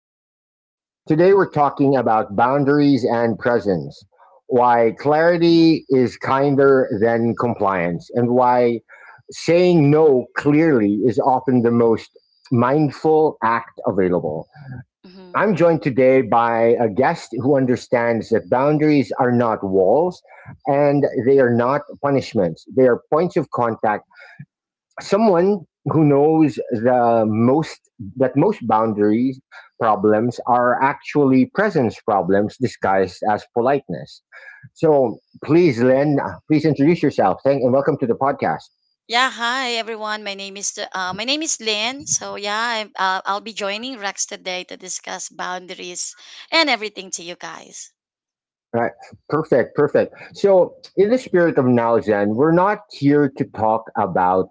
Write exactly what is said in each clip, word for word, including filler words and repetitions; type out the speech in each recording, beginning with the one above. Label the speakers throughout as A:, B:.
A: Now Zen. Today we're talking about boundaries and presence, why clarity is kinder than compliance, and why saying no clearly is often the most mindful act available.
B: hmm
A: I'm joined today by a guest who understands that boundaries are not walls and they are not punishments, they are points of contact someone who knows the most that most boundaries problems are actually presence problems disguised as politeness. So please, Len, please introduce yourself. Thank and welcome to the podcast.
B: Yeah, hi everyone. My name is uh, my name is Lynn. So yeah, I'm, uh, I'll be joining Rex today to discuss boundaries and everything to you guys.
A: All right, perfect, perfect. So in the spirit of now, Zen, we're not here to talk about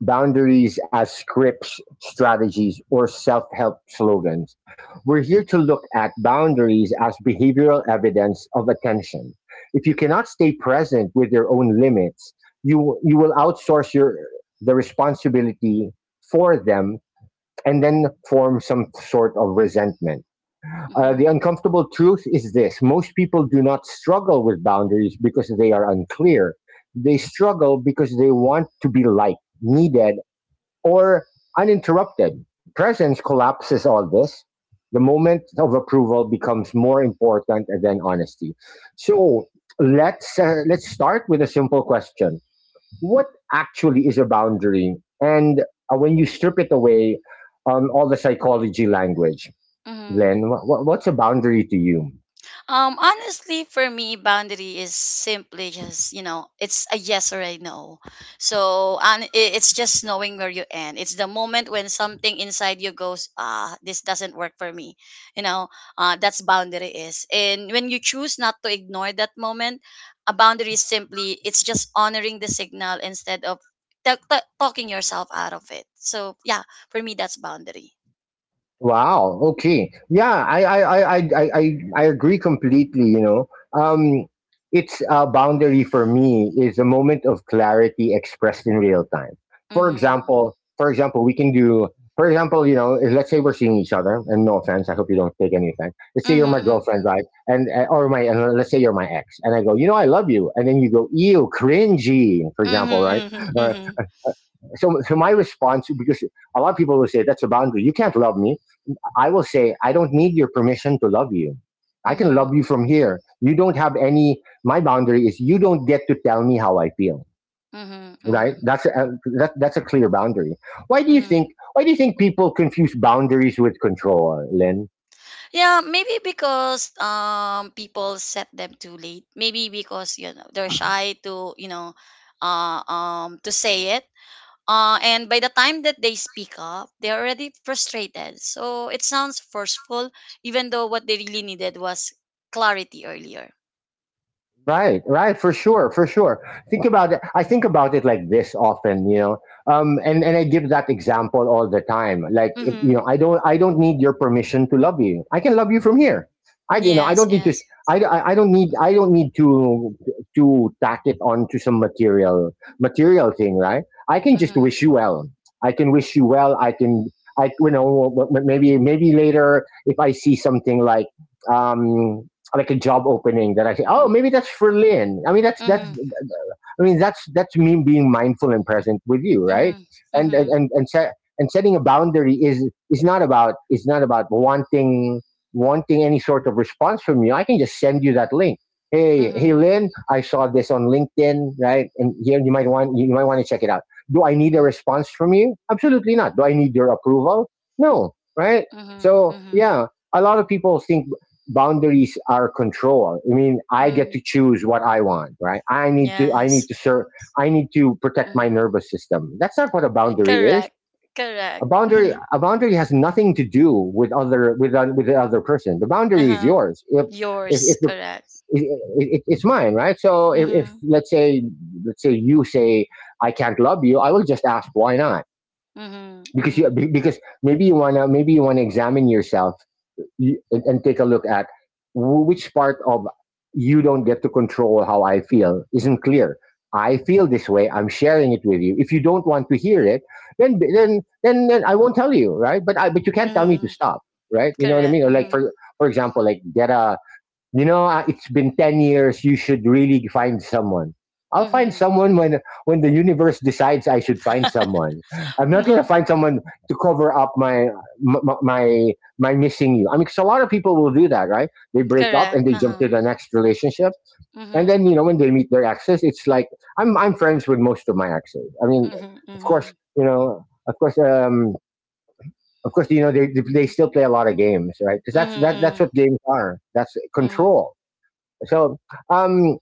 A: boundaries as scripts, strategies, or self help slogans. We're here to look at boundaries as behavioral evidence of attention. If you cannot stay present with your own limits, you, you will outsource your, the responsibility for them and then form some sort of resentment. Uh, the
B: Mm-hmm.
A: uncomfortable truth is this most people do not struggle with boundaries because they are unclear. They struggle because they want to be liked, needed, or uninterrupted. Presence collapses all this. The moment of approval becomes more important than honesty. So let's uh, let's start with a simple question: What actually is a boundary? And uh, when you strip it away, um, all the psychology language,
B: Mm-hmm.
A: then wh- wh- what's a boundary to you?
B: Um, honestly, for me, boundary is simply just you know, it's a yes or a no. So and i- it's just knowing where you end. It's the moment when something inside you goes, ah, this doesn't work for me. You know, uh, that's boundary is. And when you choose not to ignore that moment, a boundary is simply it's just honoring the signal instead of ta- ta- talking yourself out of it. So yeah, for me, that's boundary.
A: Wow. Okay. Yeah, I I I I I I I agree completely, you know. Um it's a boundary for me is a moment of clarity expressed in real time. For
B: Mhm.
A: example, for example, we can do for example, you know, if- let's say we're seeing each other, and no offense, I hope you don't take any offense. Let's say you're my
B: Mhm.
A: girlfriend, right? And uh, or my, and let's say you're my ex, and I go, you know, I love you, and then you go, ew, cringy, for
B: Mhm.
A: example, right?
B: Mhm. Mhm.
A: Uh,
B: Mhm.
A: so, so my response, because a lot of people will say that's a boundary. You can't love me. I will say, I don't need your permission to love you. I can
B: Mhm.
A: love you from here. You don't have any. My boundary is you don't get to tell me how I feel.
B: Mm-hmm,
A: Right? That's a, that, that's a clear boundary. Why do you
B: mm-hmm.
A: think? Why do you think people confuse boundaries with control, Lynn?
B: Yeah, maybe because um people set them too late. Maybe because you know they're shy to you know uh um to say it. Uh, and by the time that they speak up, they're already frustrated. So it sounds forceful, even though what they really needed was clarity earlier.
A: Right, right, for sure, for sure. Think about it. I think about it like this often, you know. Um, and and I give that example all the time. Like, it- you
B: Mm-hmm.
A: know, I don't, I don't need your permission to love you. I can love you from here. I, you know, I
B: Yes,
A: don't need to.
B: yes.
A: I, I I don't need,
B: Mm-hmm.
A: I don't need to to tack it on to some material material thing, right? I can just
B: Mm-hmm.
A: wish you well. I can wish you well. I can, I, you know, w- w- maybe maybe later if I see something like. Um, like a job opening that I say, oh, maybe that's for Lynn. I mean, that's that.
B: Mm-hmm.
A: I mean, that's that's me being mindful and present with you, right?
B: Mm-hmm.
A: And and and and, set, and setting a boundary is is not about is not about wanting wanting any sort of response from you. I can just send you that link. Hey,
B: Mm-hmm.
A: hey, Lynn, I saw this on LinkedIn, right? And here you might want you might want to check it out. Do I need a
B: Mm-hmm.
A: response from you? Absolutely not. Do I need your approval? No, right? So
B: Mm-hmm.
A: yeah, a lot of people think boundaries are control. I mean, I get
B: Mm-hmm.
A: to choose what I want, right? i need to I need
B: Yes.
A: to serve, I need to protect my
B: Mm-hmm.
A: nervous system. That's not what a boundary is.
B: Correct,
A: A
B: correct.
A: boundary
B: Mhm.
A: a boundary has nothing to do with other with uh, with the other person. The boundary is
B: Uh-huh.
A: yours. If if,
B: Yours,
A: if the,
B: correct.
A: it, It's mine, right? So, if, if
B: Mhm.
A: let's say let's say you say I can't love you, I will just ask why not,
B: Mhm.
A: because you
B: Mhm.
A: because maybe you want to maybe you want to examine yourself, you, and, and take a look at which part of you don't get to control how I feel isn't clear. I feel this way. I'm sharing it with you. If you don't want to hear it, then then then, then I won't tell you, right? But I but you can't tell me
B: Mhm.
A: to stop, right? You know what I
B: Correct.
A: mean? Or like
B: Mhm.
A: for for example, like get a you know, uh, it's been ten years. You should really find someone. I'll find
B: Mhm.
A: someone when when the universe decides I should find someone. I'm not gonna
B: Mhm.
A: find someone to cover up my my my, my missing you. I mean, because a lot of people will do that, right? They break up
B: Correct.
A: and they jump
B: Uh-huh.
A: to the next relationship, and
B: Mhm.
A: then you know when they meet their exes, it's like I'm I'm friends with most of my exes. I mean,
B: Mhm.
A: of course,
B: Mhm.
A: you know, of course, um, of course, you know, they they still play a lot of games, right?
B: Mhm.
A: Because that's that that's
B: Mhm.
A: what games are. That's
B: Mhm.
A: control. So um,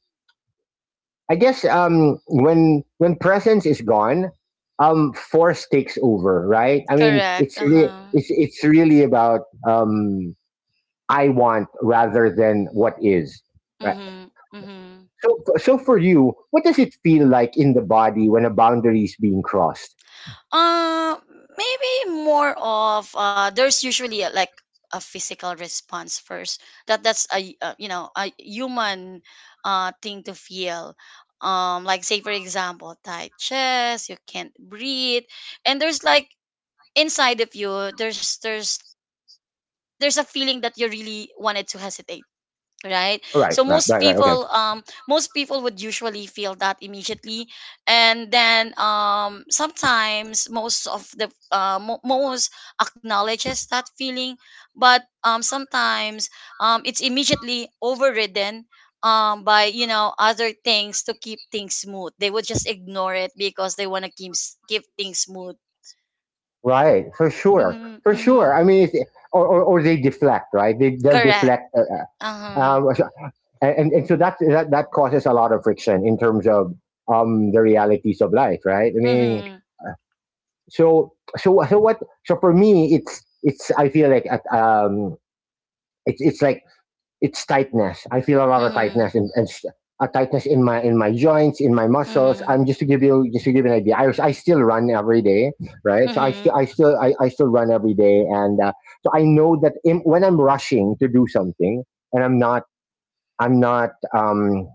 A: I guess um, when when presence is gone, um, force takes over, right? I mean,
B: Correct.
A: it's really
B: Uh-huh.
A: it's it's really about um, I want rather than what is, right?
B: Mhm. Mhm.
A: So so for you, what does it feel like in the body when a boundary is being crossed?
B: Uh, Maybe more of uh, there's usually a, like a physical response first. That that's a uh, you know a human uh thing to feel. Um, like say for example, tight chest, you can't breathe, and there's like inside of you, there's there's there's a feeling that you really wanted to hesitate, right?
A: Right,
B: So
A: right,
B: most
A: right, right. Okay,
B: people, um most people would usually feel that immediately, and then um sometimes most of the uh, mo- most acknowledges that feeling, but um sometimes um it's immediately overridden um by you know other things to keep things smooth. They would just ignore it because they want to keep s- keep things smooth.
A: right, for sure,
B: Mm-hmm,
A: for sure.
B: mm-hmm.
A: I mean, it's, or, or or they deflect, right? They they'll
B: Correct,
A: deflect. Uh, uh,
B: uh-huh.
A: um, so and, and, so that, that that causes a lot of friction in terms of um, the realities of life, right? I mean,
B: Mm-hmm,
A: so so so what? So for me, it's it's I feel like at, um, it's it's like it's tightness. I feel a lot of
B: mm-hmm,
A: tightness and, and a tightness in my in my joints, in my muscles.
B: mm-hmm,
A: I'm um, Just to give you just to give you an idea. I was, I still run every day, right? So I still
B: mm-hmm.
A: I still I, I still run every day, and uh, so I know that in, when I'm rushing to do something and I'm not I'm not um,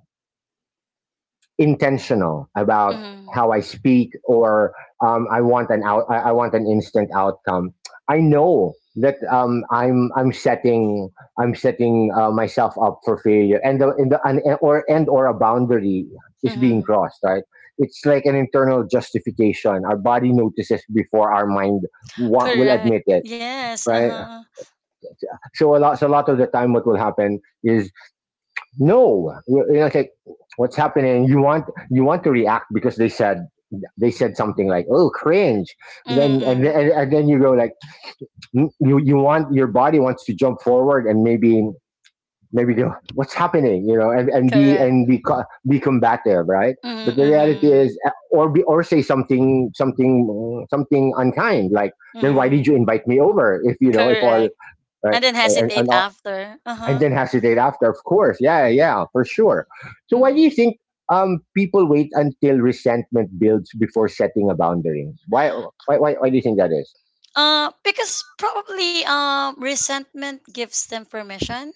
A: intentional about
B: Mm-hmm.
A: how I speak, or um, I want an out, I, want an instant outcome. I know that um, I'm I'm setting I'm setting uh, myself up for failure, and the, and the and, or and or a boundary is being
B: Mhm.
A: crossed. Right? It's like an internal justification. Our body notices before our mind wa- will
B: Correct.
A: admit it.
B: Yes,
A: Right?
B: uh-huh.
A: So a lot so a lot of the time, what will happen is no, you know, it's like what's happening. You want you want to react because they said they said something like oh cringe, then and
B: Mm-mm.
A: then, and then you go like you you want your body wants to jump forward and maybe maybe go what's happening, you know, and, and be and
B: Correct.
A: be co- be combative, right? But
B: Mm-hmm, correct,
A: the reality
B: mm-hmm.
A: is eh, or be or say something something something unkind like then why
B: Mm-hmm.
A: did you invite me over if you know if all
B: Correct. And
A: right
B: then
A: and,
B: hesitate
A: and all,
B: after.
A: and
B: Uh-huh.
A: then has to date after, of course. Yeah, yeah, for sure. So why do
B: Mm-hmm.
A: you think um, people wait until resentment builds before setting a boundary? Why, why, why, why do you think that is?
B: Uh, because probably um, resentment gives them permission.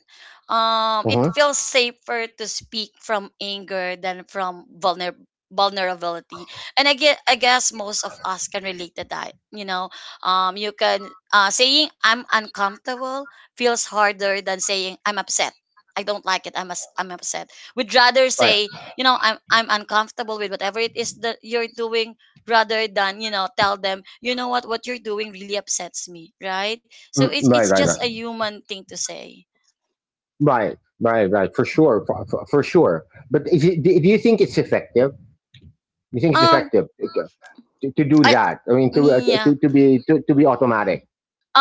B: Um, it
A: Mhm.
B: feels safer to speak from anger than from vulner- vulnerability. And I guess, I guess most of us can relate to that. You know, um, you can uh, saying I'm uncomfortable feels harder than saying I'm upset. I don't like it. I'm us- I'm upset. We'd rather
A: Right.
B: say, you know, I'm I'm uncomfortable with whatever it is that you're doing, rather than you know tell them you know what what you're doing really upsets me, right? So
A: Mm,
B: it's
A: right,
B: it's
A: right,
B: just a human thing to say.
A: right, right, right, right. For sure, for, for, for sure. But is it, do do you think it's effective? You think it's
B: Um
A: effective to, to do that? I mean,
B: I
A: to
B: me
A: uh, to,
B: Yeah.
A: to be to, to be automatic,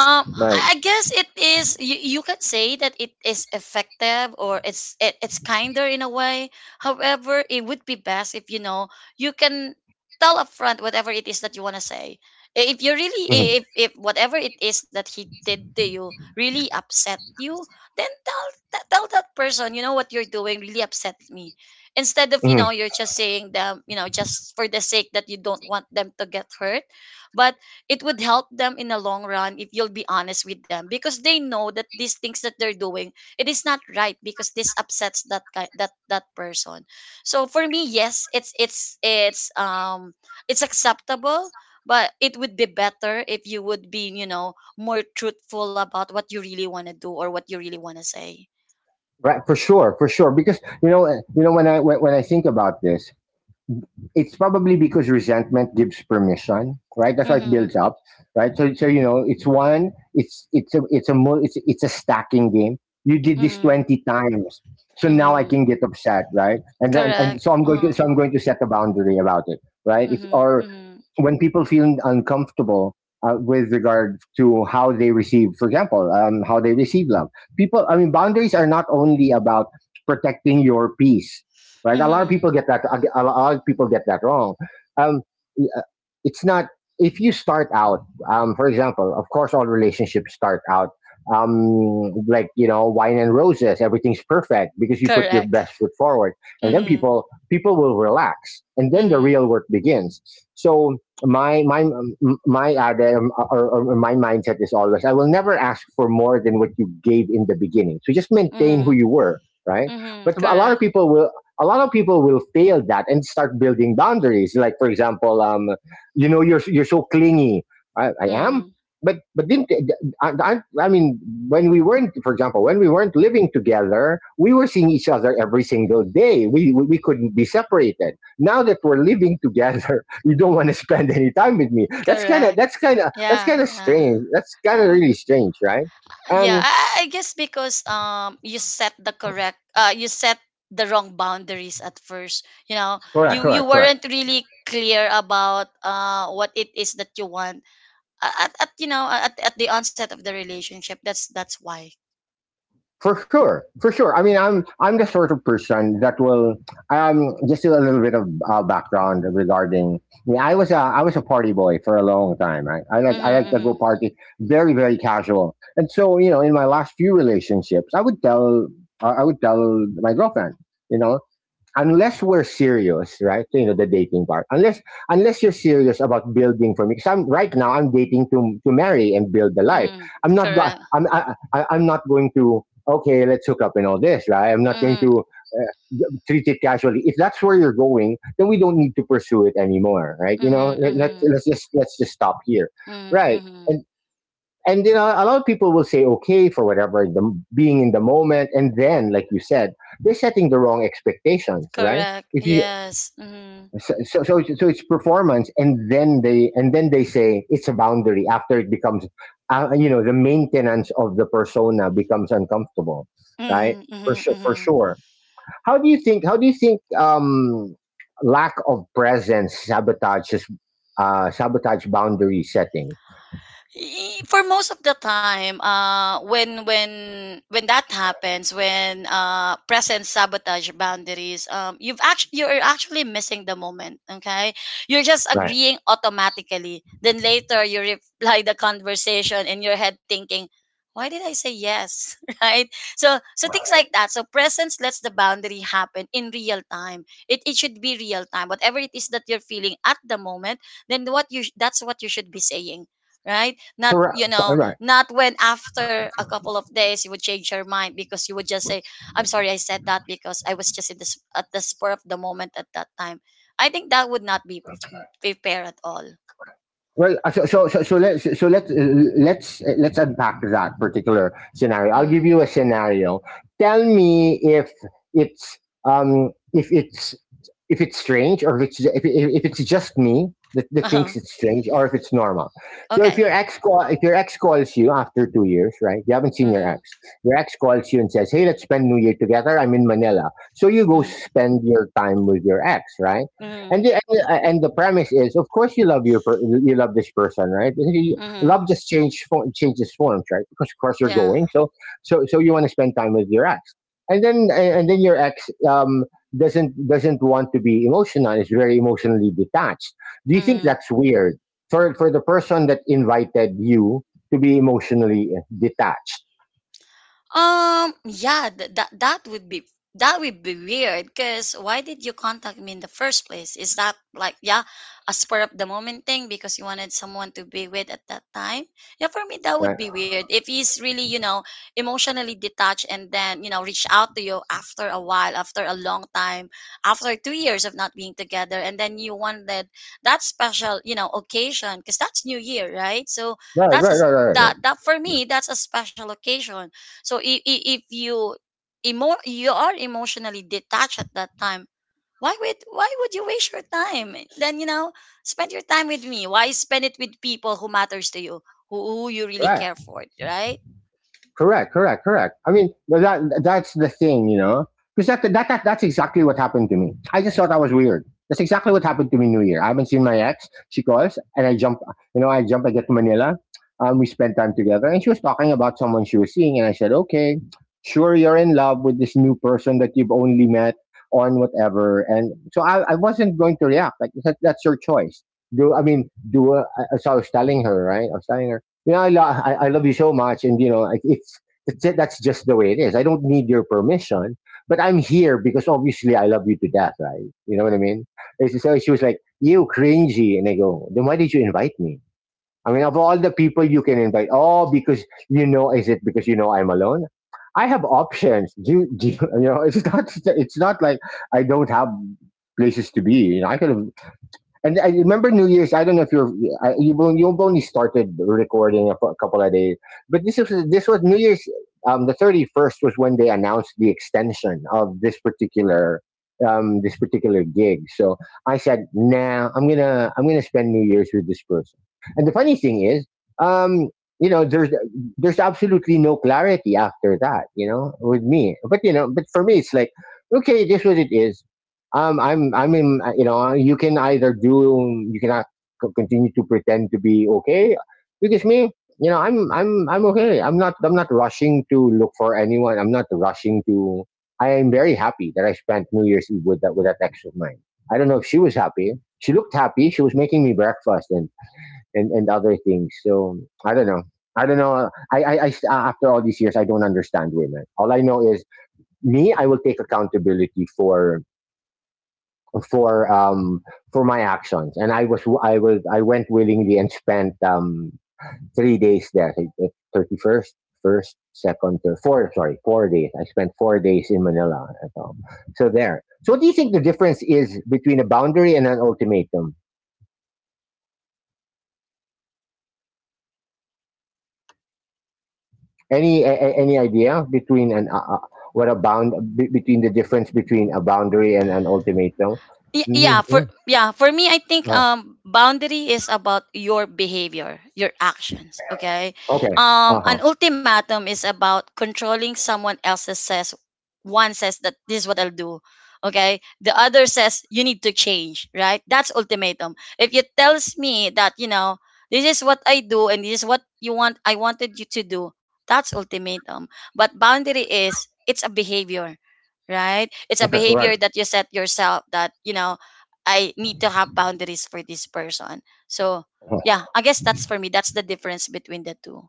B: Um,
A: right?
B: I I guess it is. You, you can say that it is effective, or it's it, it's kinder in a way. However, it would be best if you know you can tell upfront whatever it is that you want to say. I- If you really,
A: Hmm.
B: i- if if whatever it is that he did to you really upset you, then tell t- tell that person. You know what you're doing really upsets me. Instead of you
A: Hmm.
B: know you're just saying them, you know, just for the sake that you don't want them to get hurt, but it would help them in the long run if you'll be honest with them because they know that these things that they're doing, it is not right because this upsets that guy, that that person. So for me, yes, it's it's it's um it's acceptable, but it would be better if you would be you know more truthful about what you really want to do or what you really want to say.
A: Right, for sure, for sure. Because you know, uh, you know, when I when, when I think about this, it's probably because resentment gives permission, right? That's why it
B: Mm-hmm,
A: builds up, right? So, so you know, it's one, it's it's a it's a mul- it's it's a stacking game. You did this
B: mm-hmm,
A: twenty times, so now I
B: mm-hmm,
A: can get upset, right? And then and
B: correct,
A: so I'm going to
B: uh-huh.
A: so I'm going to set a boundary about it, right? It's,
B: Mm-hmm,
A: or
B: mm-hmm,
A: when people feel uncomfortable uh, with regard to how they receive, for example, um, how they receive love. People, I mean, boundaries are not only about protecting your peace, right? A lot of people
B: mm-hmm,
A: get that. A lot of people get that wrong. Um, uh, it's not. If you start out, um, for example, of course, all relationships start out um, like you know wine and roses. Everything's perfect because you put your
B: correct,
A: best foot forward, and then
B: mm-hmm,
A: people people will relax, and then the
B: mm-hmm,
A: real work begins. So my my my ade, um, or, or my mindset is always I will never ask for more than what you gave in the beginning. So just maintain who
B: mm-hmm.
A: you were, right?
B: Mhm,
A: But a lot of
B: correct.
A: people will a lot of people will fail that and start building boundaries. Like, for example, um, you know, you're you're so clingy. I, I am,
B: Mm,
A: but but didn't I, I? I mean, when we weren't, for example, when we weren't living together, we were seeing each other every single day. We we, we couldn't be separated. Now that we're living together, you don't want to spend any time with me. That's kind of
B: correct.
A: that's kind of that's
B: Yeah,
A: kind of
B: yeah,
A: strange. That's kind of
B: yeah.
A: really strange, right?
B: Yeah,
A: Um,
B: I, I I guess because um you set the correct uh you set the wrong boundaries at first. You know,
A: Correct,
B: you you
A: correct, correct.
B: weren't really clear about uh what it is that you want. A- at, at you know at, at the onset of the relationship. That's that's why.
A: For sure, for sure. I mean, I'm I'm the sort of person that will um just do a little bit of uh, background regarding. I mean, I was a I was a party boy for a long time, right? I like I like to go
B: Mhm,
A: party, very very casual. And so, you know, in my last few relationships, I would tell I I would tell my girlfriend, you know, unless we're serious, right? You know, the dating part. Unless unless you're serious about building for me, because I'm right now I'm dating to to marry and build the
B: mhm,
A: life.
B: mhm.
A: I'm not go-
B: Correct.
A: I'm I, I, I'm not going to, okay, let's hook up and all this, right? I'm not going
B: Mhm,
A: to uh, treat it casually. If that's where you're going, then we don't need to pursue it anymore, right? You know,
B: mhm,
A: let, let's
B: mhm,
A: let's just let's just stop here,
B: mhm,
A: right?
B: mhm.
A: And and you know, a lot of people will say okay for whatever, the being in the moment, and then like you said, they're setting the wrong expectations, right?
B: Correct.
A: if you
B: Yes. Mhm.
A: so so so it's, so it's performance, and then they and then they say it's a boundary after it becomes uh, you know, the maintenance of the persona becomes uncomfortable, right?
B: Mhm,
A: For
B: mhm,
A: sure, for
B: mhm.
A: sure. How do you think how do you think um lack of presence sabotages uh sabotage boundary setting?
B: Y- for most of the time uh when when when that happens, when uh presence sabotage boundaries, um you've actually, you're actually missing the moment. Okay? You're just
A: Right.
B: agreeing automatically, then later you reply the conversation in your head thinking, why did I say yes? Right? So so things like that. So presence lets the boundary happen in real time. it, it should be real time. Whatever it is that you're feeling at the moment, then what you sh- that's what you should be saying, right? Not, you
A: for,
B: know, not when after a couple of days you would change your mind because you would just say, I'm sorry I said that because I was just in this at the spur of the moment at that time. I think that would not be fair at all.
A: Well, uh, so so so so let's so let's, uh, let's uh, let's unpack that particular scenario. I'll
B: Mm.
A: give you a scenario. Tell me if it's um if it's if it's strange, or if it's if, if if it's just me that, that thinks it's strange, or if it's normal. So if
B: Okay.
A: your ex call if your ex calls you after two years, right? You haven't seen your
B: Mm-hmm.
A: ex. Your ex calls you and says, "Hey, let's spend New Year together. I'm in Manila." So you go
B: Mm-hmm.
A: spend your time with your ex, right?
B: Mm-hmm.
A: And the, and, the- and the premise is, of course, you love your per- you love this person, right? You-
B: Mm-hmm.
A: Love just change form, changes forms, right? Because of course you're
B: Yeah.
A: going, so so so you want to spend time with your ex, and then and then your ex um, doesn't doesn't want to be emotional. Is very emotionally detached. Do you think
B: Mm.
A: that's weird for for the person that invited you to be emotionally uh, detached?
B: Um, yeah, th- that that would be, that would be weird because why did you contact me in the first place? Is that like yeah, a spur of the moment thing because you wanted someone to be with at that time? Yeah, for me that would
A: Right,
B: be weird. If he's really, you know, emotionally detached and then, you know, reach out to you after a while, after a long time, after two years of not being together, and then you wanted that special, you know, occasion because that's New Year, right? So
A: right,
B: that's a,
A: right,
B: s-
A: right, right, right,
B: that that for me, that's a special occasion. So if, if you emo- you are emotionally detached at that time, why would, why would you waste your time then? You know, spend your time with me. Why spend it with people who matters to you, who, who you really
A: right.
B: care for, right?
A: Correct, correct, correct. I mean, but that that's the thing, you know, because that, that that that's exactly what happened to me. I just thought I was weird. That's exactly what happened to me New Year. I haven't seen my ex. She calls, and I jump. You know, I jump. I get to Manila. Um, we spend time together, and she was talking about someone she was seeing, and I said, "Okay, sure, you're in love with this new person that you've only met on whatever." And so I, I wasn't going to react. Like that, that's your choice. Do I mean do? Uh, so I was telling her, right? I was telling her, yeah, I, lo- I, I love you so much, and you know, I- it's it's ju- that's just the way it is. I don't need your permission, but I'm here because obviously I love you to death, right? You know what I mean? And she- So she was like, "You cringy," and I go, "Then why did you invite me?" I mean, of all the people you can invite, oh, because you know, is it because you know I'm alone? I have options. Do you, do you, you know? It's not. It's not like I don't have places to be. You know, I could have. And I remember New Year's. I don't know if you're I- You've only, you've only started recording a, cou- a couple of days, but this was this was New Year's. Um, the thirty first was when they announced the extension of this particular um, this particular gig. So I said, "Nah, I'm gonna I'm gonna spend New Year's with this person." And the funny thing is, um, you know, there's there's absolutely no clarity after that. You know, with me, but you know, but for me, it's like, okay, this what it is. um, I'm, I mean, uh, you know, uh, you can either do, you cannot c- continue to pretend to be okay, because me, you know, I'm, I'm, I'm okay. I'm not, I'm not rushing to look for anyone. I'm not rushing to. I am very happy that I spent New Year's Eve with that with that ex of mine. I don't know if she was happy. She looked happy. She was making me breakfast and and and other things. So I don't know. I don't know. I, I, I, after all these years, I don't understand women. All I know is me. I will take accountability for for um for my actions, and i was i was I went willingly and spent um three days there. So, 31st, first first, second, third, four, sorry, four days. I spent four days in Manila. So, so there so what do you think the difference is between a boundary and an ultimatum? Any a, a- any idea? Between an uh, uh, what a bound be- Between the difference between a boundary and an ultimatum?
B: Y-
A: Mm-hmm.
B: yeah for
A: Mm-hmm.
B: yeah, for me I think
A: Ah,
B: um boundary is about your behavior, your actions, okay?
A: okay.
B: Um
A: Uh-huh.
B: an ultimatum is about controlling someone else's says. One says that this is what I'll do, okay? The other says you need to change, right? That's ultimatum. If you tells me that you know this is what I do and this is what you want, I wanted you to do, that's ultimatum. But boundary is, it's a behavior, right? It's a
A: Okay. Right,
B: behavior that you set yourself that, you know, I need to have boundaries for this person. So, yeah, I guess that's for me. That's the difference between the two.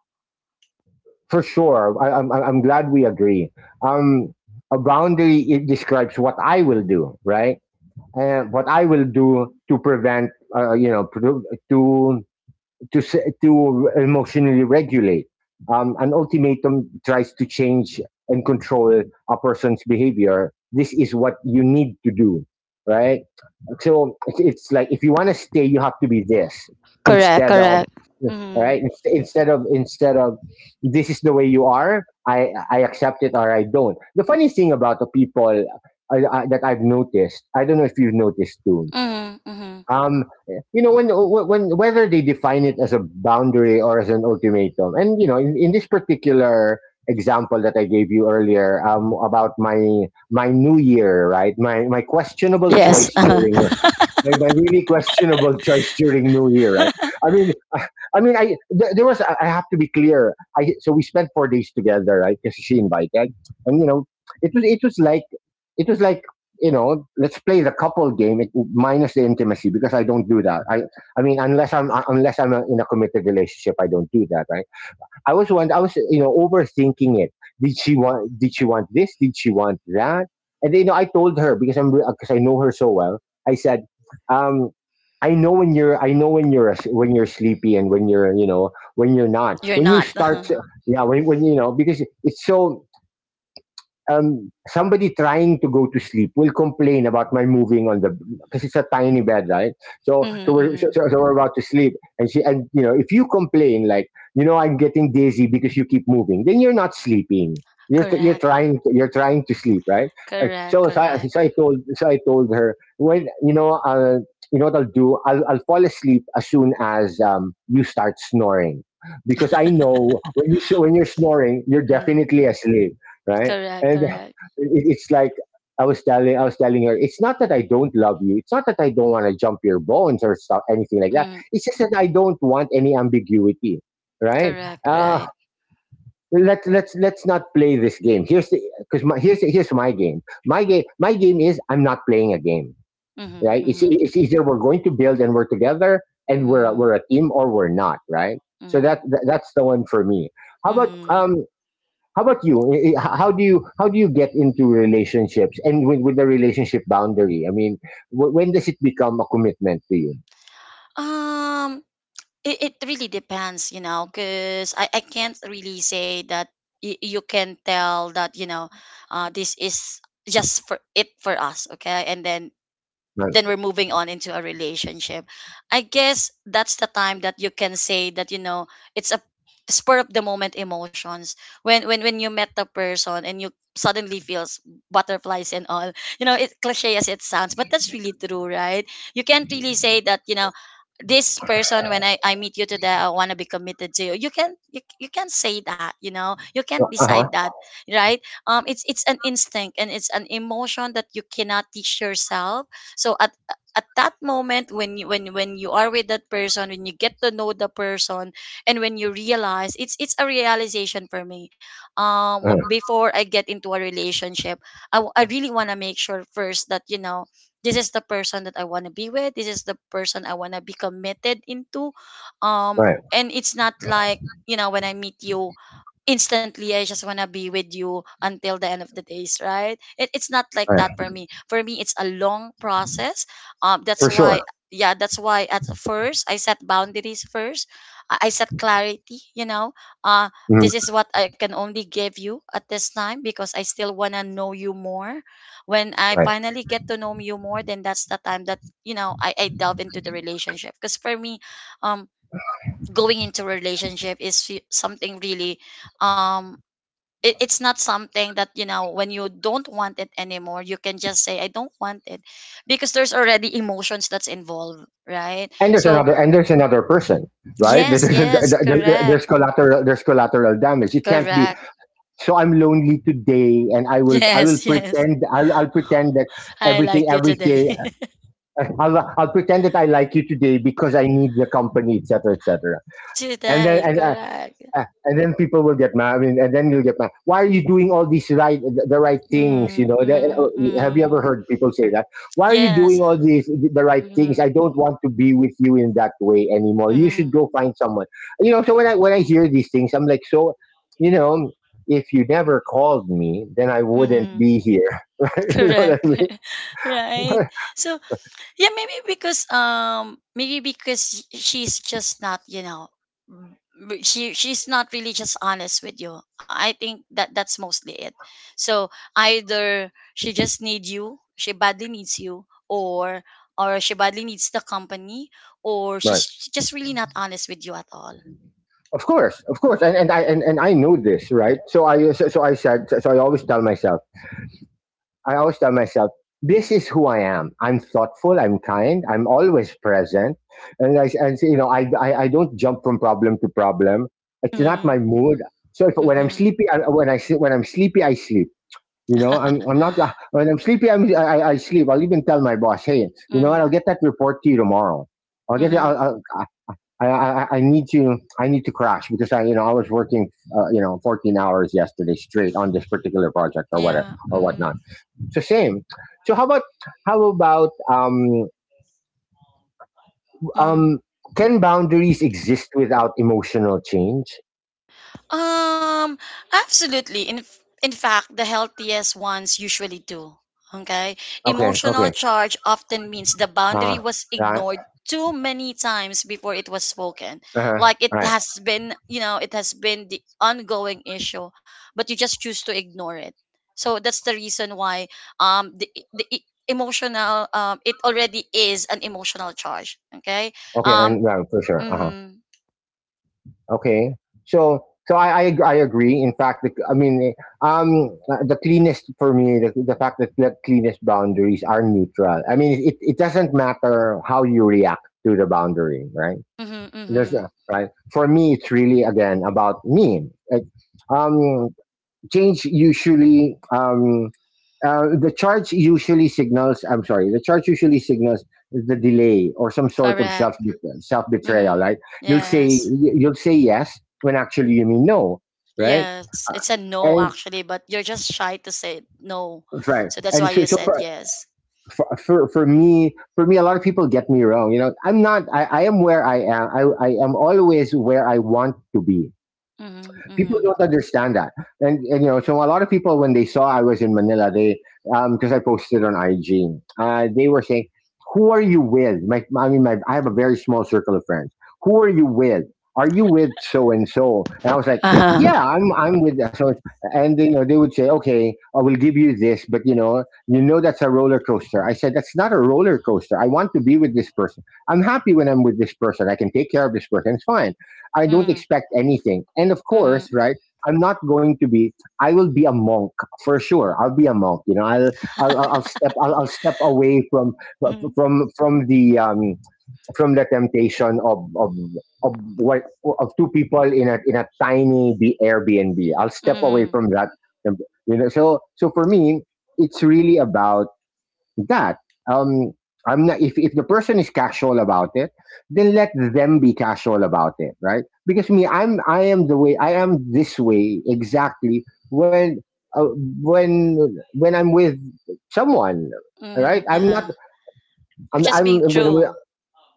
A: for sure. I, I'm, I'm glad we agree. Um, a boundary, it describes what I will do, right? And what I will do to prevent, uh, you know, pro- to to s- to emotionally regulate. Um, an ultimatum tries to change and control a person's behavior. This is what you need to do, right? So it's, it's like if you want to stay, you have to be this
B: Correct,
A: instead of,
B: correct. Mm-hmm.
A: right? Inst- instead of instead of, this is the way you are. I I accept it or I don't. The funny thing about the people, uh, uh, that I've noticed, I don't know if you've noticed too,
B: Mm-hmm. Mm-hmm.
A: um, you know, when, when whether they define it as a boundary or as an ultimatum, and you know, in, in this particular example that I gave you earlier, um, about my my New Year, right? My my questionable
B: Yes.
A: choice during my, my really questionable choice during New Year, right? I mean, I, I mean, I th- there was, I I have to be clear. I so We spent four days together, right? Because she invited, and you know, it was it was like it was like, you know, let's play the couple game, it, minus the intimacy because I don't do that. I I mean, unless I'm uh, unless I'm uh, in a committed relationship, I don't do that, right? I was one. I was, you know, overthinking it. Did she want? Did she want this? Did she want that? And then, you know, I told her because I'm because I know her so well. I said, um, I know when you're. I know when you're when you're sleepy and when you're you know when you're not.
B: You're
A: When you
B: not.
A: start,
B: Mm-hmm,
A: yeah. When when you know, because it's so, um, somebody trying to go to sleep will complain about my moving, on the, because it's a tiny bed, right? So so we're so,
B: mm-hmm.
A: so so we're about to sleep, and she, and, you know, if you complain like, you know, I'm getting dizzy because you keep moving, then you're not sleeping. You're, t- you're
B: Correct.
A: trying to, you're trying to sleep, right? Uh,
B: Correct.
A: So, so I,
B: Correct.
A: so I told so I told her, when you know, uh, you know what I'll do, I'll I'll fall asleep as soon as um, you start snoring, because I know when you s- when you're snoring you're
B: Mm-hmm.
A: definitely asleep, right?
B: Correct.
A: And it,
B: Correct.
A: it's like I was telling I was telling her, it's not that I don't love you. It's not that I don't want to jump your bones or stuff, anything like that.
B: Mm-hmm.
A: It's just that I don't want any ambiguity, right?
B: Correct.
A: Uh,
B: Right.
A: let let's let's not play this game. Here's the because my here's here's my game. My game my game is I'm not playing a game,
B: Mm-hmm,
A: right? It's
B: mm-hmm,
A: it's either we're going to build and we're together and we're a-
B: mm-hmm,
A: we're a team or we're not, right? So that,
B: mm-hmm.
A: that that's the one for me. How about
B: Mm-hmm.
A: um how about you? I- I- h- How do you how do you get into relationships and with, with the relationship boundary? I mean, w- when does it become a commitment to you?
B: Um. It, it really depends you know because I, I can't really say that y- you can tell that you know uh, this is just for it for us, okay, and then
A: Right.
B: then we're moving on into a relationship. I guess that's the time that you can say that you know it's a spur of the moment emotions. When, when when you met the person and you suddenly feels butterflies and all, you know it cliche as it sounds but that's really true, right? You can't really say that you know this person when i, I meet you today I want to be committed to you. You can not, you, you can't say that you know you can't
A: Uh
B: decide
A: huh.
B: that, right? um it's it's an instinct and it's an emotion that you cannot teach yourself. So at at that moment when you when when you are with that person, when you get to know the person, and when you realize, it's it's a realization for me. Um w-
A: Uh-huh.
B: before I get into a relationship, i, w- I really want to make sure first that you know this is the person that I want to be with, this is the person I want to be committed into. um
A: Right.
B: and it's not like you know when I meet you instantly I just wanna be with you until the end of the days, right? It, it's not like that
A: Right.
B: for me. For me, it's a long process. Um, that's
A: For
B: why,
A: sure.
B: yeah, that's why at first I set boundaries first. I I set clarity. You know, uh,
A: Mhm.
B: this is what I can only give you at this time because I still wanna know you more. When I
A: Right.
B: finally get to know you more, then that's the time that you know I, I delve into the relationship. Because for me, um, going into a relationship is fe- something really um it, it's not something that you know when you don't want it anymore you can just say I don't want it because there's already emotions that's involved, right?
A: And there's
B: So
A: another and there's another person. Right. There's,
B: yes,
A: there's,
B: yes,
A: there's
B: correct.
A: there's collateral there's collateral damage. It can't
B: Correct.
A: be. So I'm lonely today, and I will I will
B: Yes, yes,
A: pretend I'll I'll pretend that
B: I
A: everything
B: like you today.
A: everything I'll I'll pretend that I like you today because I need the company, et cetera, et cetera. And then
B: Today,
A: and,
B: correct.
A: Ah, and then people will get mad. I mean, and then you'll get mad. Why are you doing all these right, the the right things?
B: Mm,
A: You know, The-
B: mm,
A: uh, have you ever
B: mm.
A: heard people say that? Why are you
B: Yes.
A: doing all these the right
B: Mm,
A: things?
B: mm,
A: I don't want to be with you in that way anymore. You should
B: mm.
A: go find someone. You know, so when I when I hear these things, I'm like, so, you know, if you never called me, then I wouldn't
B: Mm.
A: be here. You know what I
B: Correct.
A: mean?
B: Right. so Yeah, maybe because um maybe because she's just not, you know, m- b- she she's not really just honest with you. I think that that's mostly it. So either she just needs you, she badly needs you, or or she badly needs the company, or
A: Right.
B: she's just really not honest with you at all.
A: Of course, of course, and and I and, and I knew this, right? So I so, so I said so so I always tell myself. I always tell myself, this is who I am. I'm thoughtful. I'm kind. I'm always present. And I, and you know, I, I, I don't jump from problem to problem. It's not
B: Mhm.
A: my mood. So if, when I'm
B: Mhm.
A: sleepy, I, when I sleep, when I'm sleepy, I sleep. You know, I'm, I'm not, uh, when I'm sleepy, I'm, I, I sleep. I'll even tell my boss, hey, you know what?
B: Mm.
A: I'll get that report to you tomorrow. I'll get it.
B: Mhm.
A: I'll, I'll, I, I, I need to, I need to crash because I, you know, I was working, uh, you know, fourteen hours yesterday straight on this particular project or whatever
B: Yeah.
A: or
B: Mhm.
A: whatnot It's a shame. So how about how about um
B: Mhm.
A: um can boundaries exist without emotional change?
B: Um, Absolutely. In f- in fact, the healthiest ones usually do. Okay?
A: Okay,
B: Emotional
A: okay.
B: charge often means the
A: Uh
B: boundary was
A: right.
B: ignored too many times before it was spoken.
A: Uh-huh.
B: Like it
A: Right.
B: has been, you know, it has been the ongoing issue, but you just choose to ignore it. So that's the reason why um the the e- emotional um it already is an emotional charge, okay?
A: Okay,
B: Um
A: and right, for sure. Uh-huh.
B: mhm.
A: Okay. So so I, I ag- I agree. In fact, the, I mean um the cleanest for me the, the fact that the cleanest boundaries are neutral. I mean it, it doesn't matter how you react to the boundary, right?
B: Mhm.
A: There's
B: Mhm.
A: a, right. For me it's really again about me. Like, um change usually um, uh, the charge usually signals I'm sorry the charge usually signals the delay or some sort of
B: Correct.
A: self self betrayal,
B: Mhm.
A: right? you'll say
B: Yes.
A: you- will say yes when actually you mean no, right.
B: Yes. It's a no
A: and
B: actually, but you're just shy to say no.
A: right
B: So that's
A: and
B: why
A: so,
B: you
A: so
B: said
A: for,
B: yes.
A: for for for me, for me a lot of people get me wrong. You know, I'm not I, I am where I am. I, I am always where I want to be.
B: Mhm.
A: People
B: Mhm.
A: don't understand that. And, and you know, so a lot of people when they saw i was in Manila, they um because i posted on IG, uh, they were saying who are you with. My i mean my, i have a very small circle of friends. Who are you with? Are you with so and so? And i was like,
B: Uh-huh.
A: yeah, i'm i'm with so and so. And you know, they would say, okay, I will give you this, but you know, you know that's a roller coaster. I said, that's not a roller coaster. I want to be with this person. I'm happy when i'm with this person. I can take care of this person. It's fine. I don't
B: Mhm.
A: expect anything. And of course,
B: Mhm.
A: right, I'm not going to be. I will be a monk for sure. I'll be a monk. You know, I'll I'll, I'll I'll step I'll, I'll step away from
B: Mhm.
A: from from the um from the temptation of of of what of two people in a in a tiny B- Airbnb. I'll step away
B: Mhm.
A: from that. You know, so so for me, it's really about that. Um, I'm not, if, if the person is casual about it, then let them be casual about it, right? Because me, I'm, I am the way, I am this way exactly when, uh, when, when I'm with someone, right?
B: Mhm.
A: I'm
B: Uh-huh.
A: not,
B: You're
A: I'm,
B: just
A: I'm,
B: being
A: when I'm
B: true.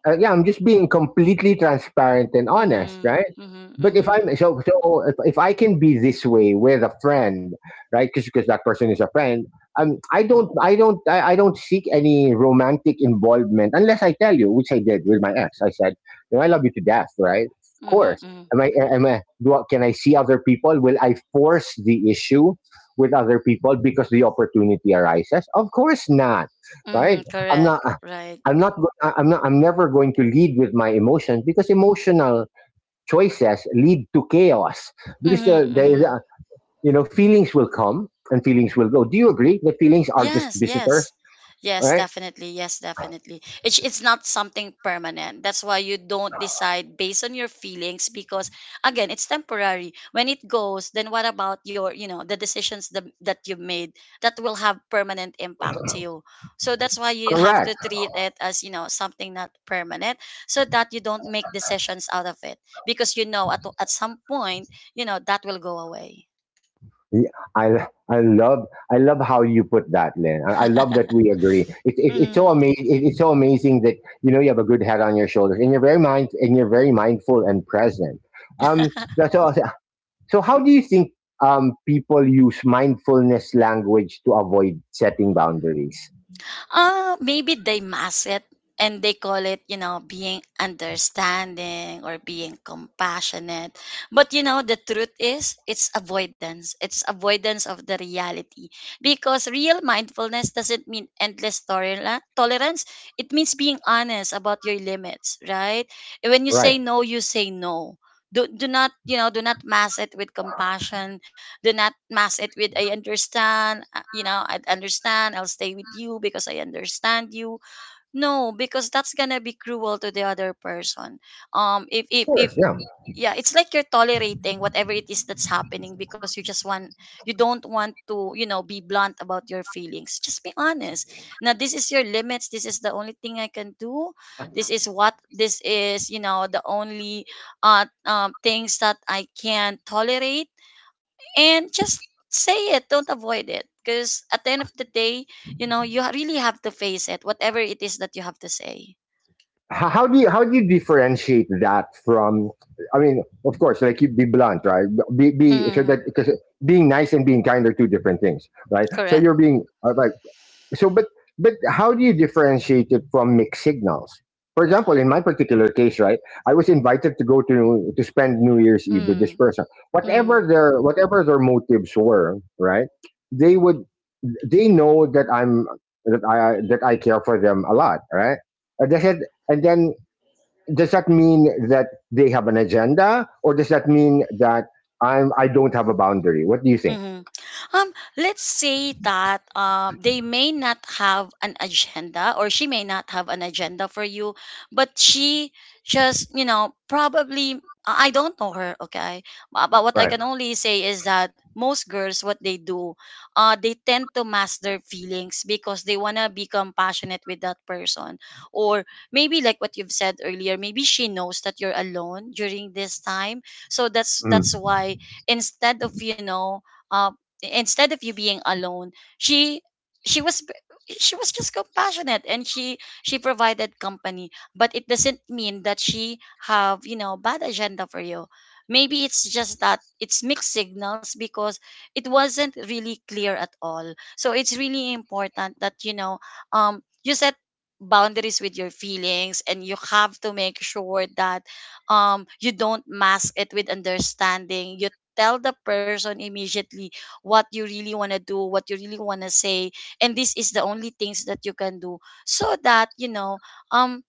A: uh, yeah, I'm just being completely transparent and honest,
B: Mhm.
A: right?
B: Mhm.
A: But if
B: Mhm.
A: I'm so so if, if I can be this way with a friend, right? Because that person is a friend. Um, I don't I don't I, I don't seek any romantic involvement unless I tell you, which I did with my ex. I said, you know, I love you to death, right? Of
B: Mhm.
A: course.
B: Mhm.
A: Am I am I do I, can I see other people? Will I force the issue with other people because the opportunity arises? Of course not, right?
B: Mhm.
A: I'm not.
B: Correct. Right.
A: I'm not go- I- I'm not I'm never going to lead with my emotions because emotional choices lead to chaos because
B: Mhm.
A: there, there is
B: Mhm.
A: a, you know, feelings will come and feelings will go. Do you agree that feelings are just
B: Yes, yes.
A: visitors, all
B: Yes,
A: right?
B: definitely. Yes, definitely. It's it's not something permanent. That's why you don't decide based on your feelings because again, it's temporary. When it goes, then what about your, you know, the decisions the, that you made that will have permanent impact to you. So that's why you have to
A: Correct.
B: treat it as, you know, something not permanent so that you don't make decisions out of it because you know at at some point, you know, that will go away.
A: Yeah, I I love I love how you put that, Lynn. I, I love that we agree. It, it, it's so
B: Mhm.
A: amazing. It, it's so amazing that you know you have a good head on your shoulders and you're very mind and you're very mindful and present. Um, that's all. So, how do you think um, people use mindfulness language to avoid setting boundaries?
B: Uh, maybe they mask it and they call it, you know, being understanding or being compassionate. But you know, the truth is it's avoidance. It's avoidance of the reality. Because real mindfulness doesn't mean endless tolera- tolerance. It means being honest about your limits, right? And when you
A: Right.
B: say no, you say no. Do, do not, you know, do not mask it with compassion, do not mask it with I understand, uh, you know, I understand, I'll stay with you because I understand you. No, because that's gonna be cruel to the other person. Um if
A: Of
B: if if
A: course. Yeah.
B: Yeah, it's like you're tolerating whatever it is that's happening because you just want, you don't want to, you know, be blunt about your feelings. Just be honest. Now this is your limits, this is the only thing I can do. This is what this is, you know, the only uh um, things that I can tolerate and just say it, don't avoid it, because at the end of the day you know you ha- really have to face it whatever it is that you have to say.
A: How, how do you how do you differentiate that from? I mean, of course, like you be blunt, right? Be, be so
B: mm,
A: that because being nice and being kind are two different things, right? So
B: Correct.
A: you're being uh, like So, but but how do you differentiate it from mixed signals? For example, in my particular case, right, I was invited to go to to spend New Year's Eve with this
B: mm,
A: person.
B: mm.
A: Whatever their whatever their motives were, right, they would, they know that I'm that I that I care for them a lot, right? And they said, and then does that mean that they have an agenda, or does that mean that I'm I don't have a boundary? What do you think?
B: Mhm. Um, let's say that uh, they may not have an agenda, or she may not have an agenda for you, but she just, you know, probably. I I don't know her, okay? But, but what I
A: Right.
B: can only say is that most girls, what they do, uh, they tend to mask their feelings because they wanna become passionate with that person, or maybe like what you've said earlier, maybe she knows that you're alone during this time, so that's that's
A: Mm.
B: why, instead of you know uh, instead of you being alone, she she was she was just compassionate and she she provided company, but it doesn't mean that she have you know bad agenda for you. Maybe it's just that it's mixed signals because it wasn't really clear at all, so it's really important that you know um you set boundaries with your feelings and you have to make sure that um you don't mask it with understanding. You tell the person immediately what you really want to do, what you really want to say, and this is the only things that you can do so that, you know, um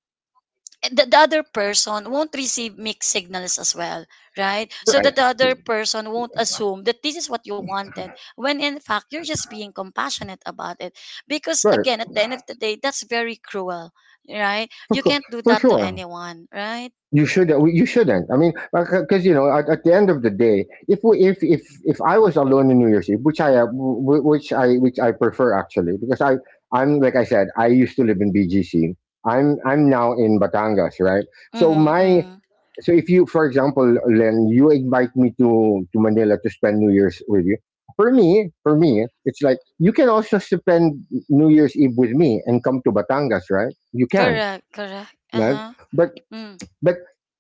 B: the, the other person won't receive mixed signals as well, right? So
A: Right,
B: that the other person won't assume that this is what you wanted when in fact you're just being compassionate about it. Because
A: right,
B: again, at the end of the day, that's very cruel, right?
A: for,
B: You
A: co-
B: can't do
A: for
B: that to
A: sure.
B: anyone, right?
A: you should you shouldn't I mean, because you know at, at the end of the day, if we if if if I was alone in New Year's Eve, which I uh, wh- which i which I prefer actually, because i i'm like I said, I used to live in BGC. I'm i'm now in Batangas, right? so
B: Mm-hmm,
A: my
B: mm.
A: so if you for example, Len, you invite me to to Manila to spend New Year's with you, for me for me it's like you can also spend New Year's Eve with me and come to Batangas, right? You can,
B: Correct, correct. Uh
A: right,
B: huh.
A: but
B: Mm.
A: but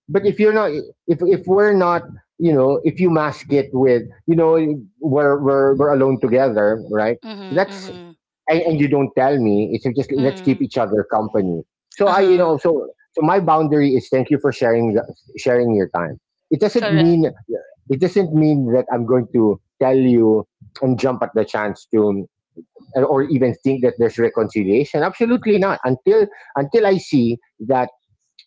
A: but if you're not, if if we're not, you know, if you mask it with, you know, we're we're, we're alone together, right?
B: Mm-hmm,
A: that's
B: mm-hmm.
A: and, and you don't tell me, it's just let's keep
B: Mm.
A: each other company. So I you
B: Uh-huh.
A: know so so my boundary is thank you for sharing the, sharing your time. it doesn't
B: Correct.
A: mean it doesn't mean that i'm going to tell you and jump at the chance to or even think that there's reconciliation, absolutely not, until until I see that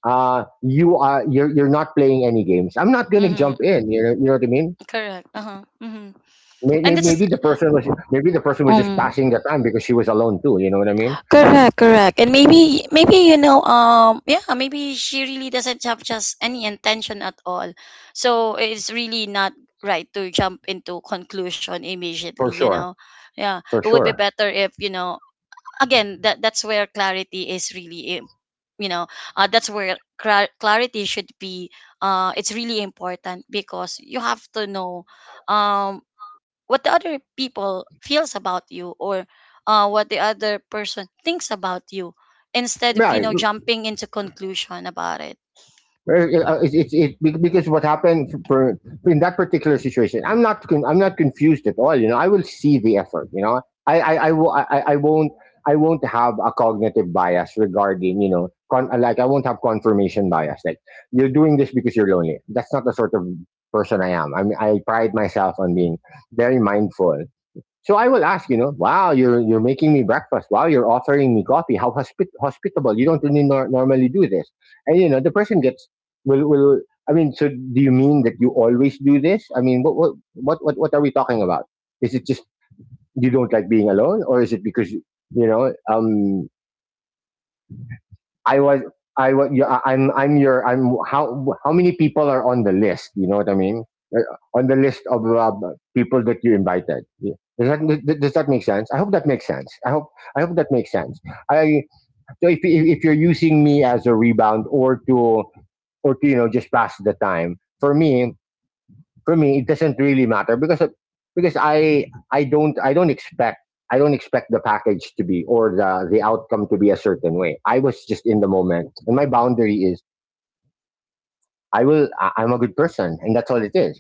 A: uh, you are you're you're not playing any games. I'm not gonna
B: Mhm.
A: jump in. You know, you know what I mean?
B: Correct. Uh-huh. Mhm.
A: May-
B: And
A: may-
B: this is
A: Maybe the person was maybe the person was just
B: um
A: passing the time because she was alone too. You know what I mean?
B: correct, correct. And maybe maybe you know um yeah, maybe she really doesn't have just any intention at all. So it's really not right to jump into conclusion immediately,
A: For
B: you know.
A: sure,
B: Yeah,
A: for
B: it would be
A: sure.
B: better if, you know, again that that's where clarity is really im- you know uh, that's where clar- clarity should be. Uh it's really important because you have to know um what the other people feels about you, or uh what the other person thinks about you, instead of
A: Yeah.
B: you know jumping into conclusion about it.
A: Uh, uh, It's it, be- because what happened f- for, in that particular situation, I'm not con- I'm not confused at all. You know, I will see the effort. You know, I I I, will, I, I I won't, I won't have a cognitive bias regarding, you know, con- like I won't have confirmation bias. Like you're doing this because you're lonely. That's not the sort of person I am. I mean, I pride myself on being very mindful, so I will ask, you know, wow, you're you're making me breakfast. Wow, you're offering me coffee. How hospi- hospitable. You don't really nor- normally do this. And you know, the person gets will will. I mean, so do you mean that you always do this? I mean, what what what what, what are we talking about? Is it just you don't like being alone, or is it because you know, um I was I was yeah, I- I'm I'm your, I'm, how how many people are on the list? You know what I mean? Uh, On the list of uh, people that you invited. Yeah. Does that th- does that make sense? I hope that makes sense. I hope I hope that makes sense. I so if if if you're using me as a rebound or to or to you know just pass the time for me for me it doesn't really matter because because I I don't I don't expect I don't expect the package to be, or the the outcome to be a certain way. I was just in the moment, and my boundary is I will I- I'm a good person, and that's all it is.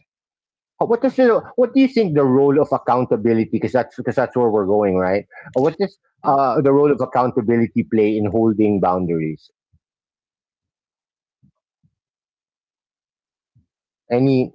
A: Uh, What does the, what do you think the role of accountability? Because that's because that's where we're going, right? Uh, What does uh, The role of accountability play in holding boundaries? Any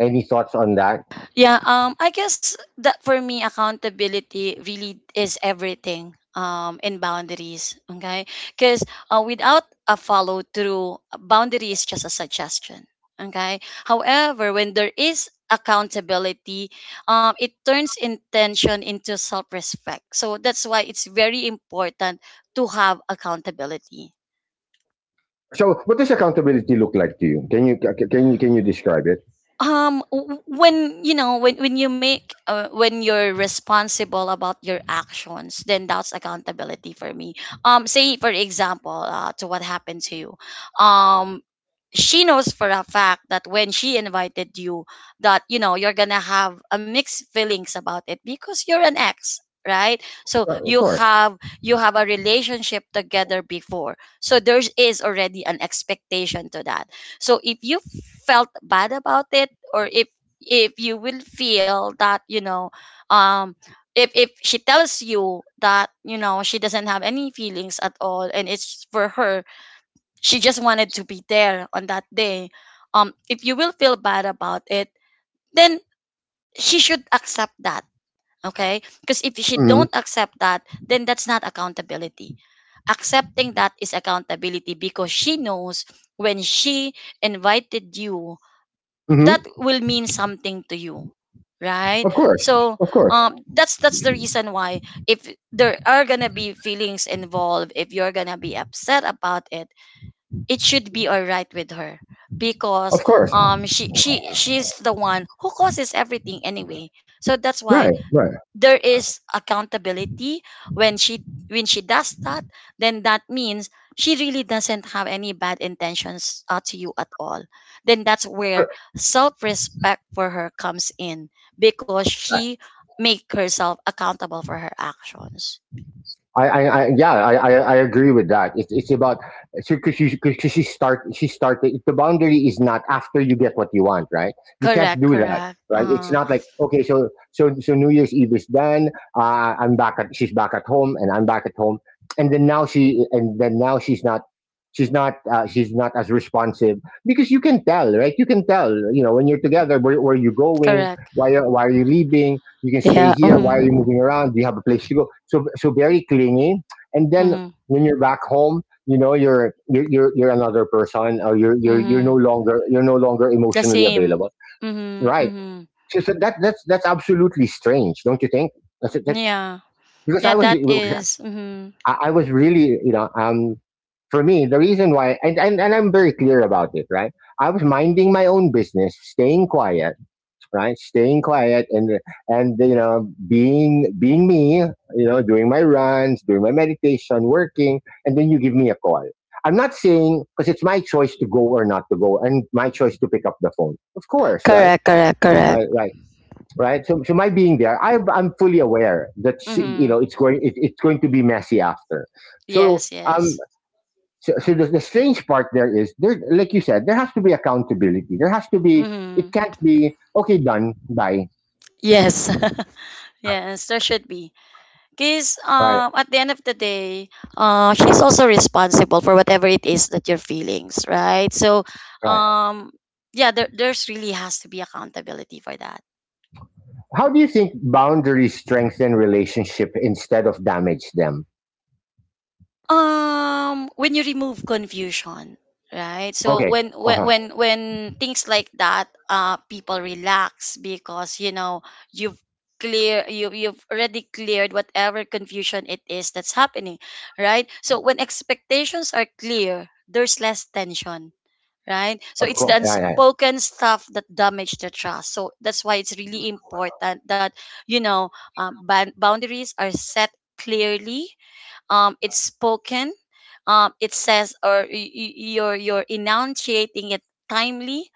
A: any thoughts on that?
B: Yeah, um I guess that for me accountability really is everything um in boundaries, okay? Cuz uh, without a follow through, boundary is just a suggestion, okay? However, when there is accountability, um it turns intention into self-respect. So that's why it's very important to have accountability.
A: So, what does accountability look like to you? Can you can you can you describe it?
B: Um w- when you know when when you make uh, when you're responsible about your actions, then that's accountability for me. Um say for example uh, to what happened to you, um she knows for a fact that when she invited you, that you know you're gonna have a mixed feelings about it because you're an ex, right? So
A: Uh, Of
B: you
A: course.
B: have, you have a relationship together before, so there is already an expectation to that. So if you felt bad about it, or if if you will feel that you know um if if she tells you that you know she doesn't have any feelings at all, and it's for her, she just wanted to be there on that day, um if you will feel bad about it, then she should accept that, okay? Because if she don't accept that, then that's not accountability. Accepting that is accountability, because she knows when she invited you, that
A: Mm-hmm.
B: will mean something to you, right?
A: Of course.
B: So
A: Of course.
B: um that's that's the reason why, if there are gonna be feelings involved, if you're gonna be upset about it, it should be all right with her, because
A: Of course.
B: um she she she's the one who causes everything anyway, so that's why
A: Right. Right.
B: there is accountability. When she, when she does that, then that means she really doesn't have any bad intentions uh, to you at all. Then that's where
A: Sure.
B: self-respect for her comes in, because she make herself accountable for her actions.
A: I, I, I yeah, I, I, I agree with that. It's, it's about because she, cause she start she started. The boundary is not after you get what you want, right? You can't
B: Correct,
A: do that,
B: correct.
A: right? It's
B: Uh
A: not like okay, so so so New Year's Eve is done. Uh, I'm back at She's back at home, and I'm back at home, and then now she and then now she's not she's not uh, she's not as responsive, because you can tell, right? You can tell, you know, when you're together, where, where are you going?
B: correct.
A: Why are, why are you leaving? You can
B: Yeah.
A: stay here. Why are you
B: Mm-hmm.
A: moving around? Do you have a place to go? So so very clingy. And then when you're back home, you know you're you're you're, you're another person, or you're you're you're no
B: Mm-hmm.
A: longer you're no longer
B: The
A: emotionally
B: same.
A: available.
B: Mhm,
A: Right.
B: mhm.
A: So, so that that's that's absolutely strange, don't you think? That's, that,
B: Yeah.
A: because
B: Yeah,
A: I was
B: that is mhm.
A: I, I was really, you know, um, for me, the reason why, and, and, and I'm very clear about it, right? I was minding my own business, staying quiet, right? Staying quiet and, and, you know, being, being me, you know, doing my runs, doing my meditation, working, and then you give me a call. I'm not saying, because it's my choice to go or not to go, and my choice to pick up the phone. Of course, right?
B: Correct, correct, correct.
A: Right, right right? So, so my being there, I, I'm fully aware that she- you
B: Mhm.
A: know it's going it, it's going to be messy after. So
B: Yes,
A: um,
B: yes.
A: so, so the, the strange part there is there, like you said, there has to be accountability. There has to be. It
B: Mhm.
A: can't be okay. Done. Bye.
B: Yes. Yes, there should be. Cuz
A: Right.
B: um at the end of the day, uh she's also responsible for whatever it is that you're feelings, right? So,
A: Right.
B: um yeah, there there's really has to be accountability for that.
A: How do you think boundaries strengthen relationship instead of damage them?
B: Um when you remove confusion, right? So
A: Okay.
B: when
A: Uh
B: when
A: huh.
B: when when things like that, uh people relax because you know you've clear you you've already cleared whatever confusion it is that's happening, right? So when expectations are clear, there's less tension, right? So
A: Of
B: it's the
A: course. Yeah. Yeah.
B: unspoken stuff that damage the trust, so that's why it's really important that you know um, ban- boundaries are set clearly, um, it's spoken, um, it says or y- y- you're you're enunciating it timely,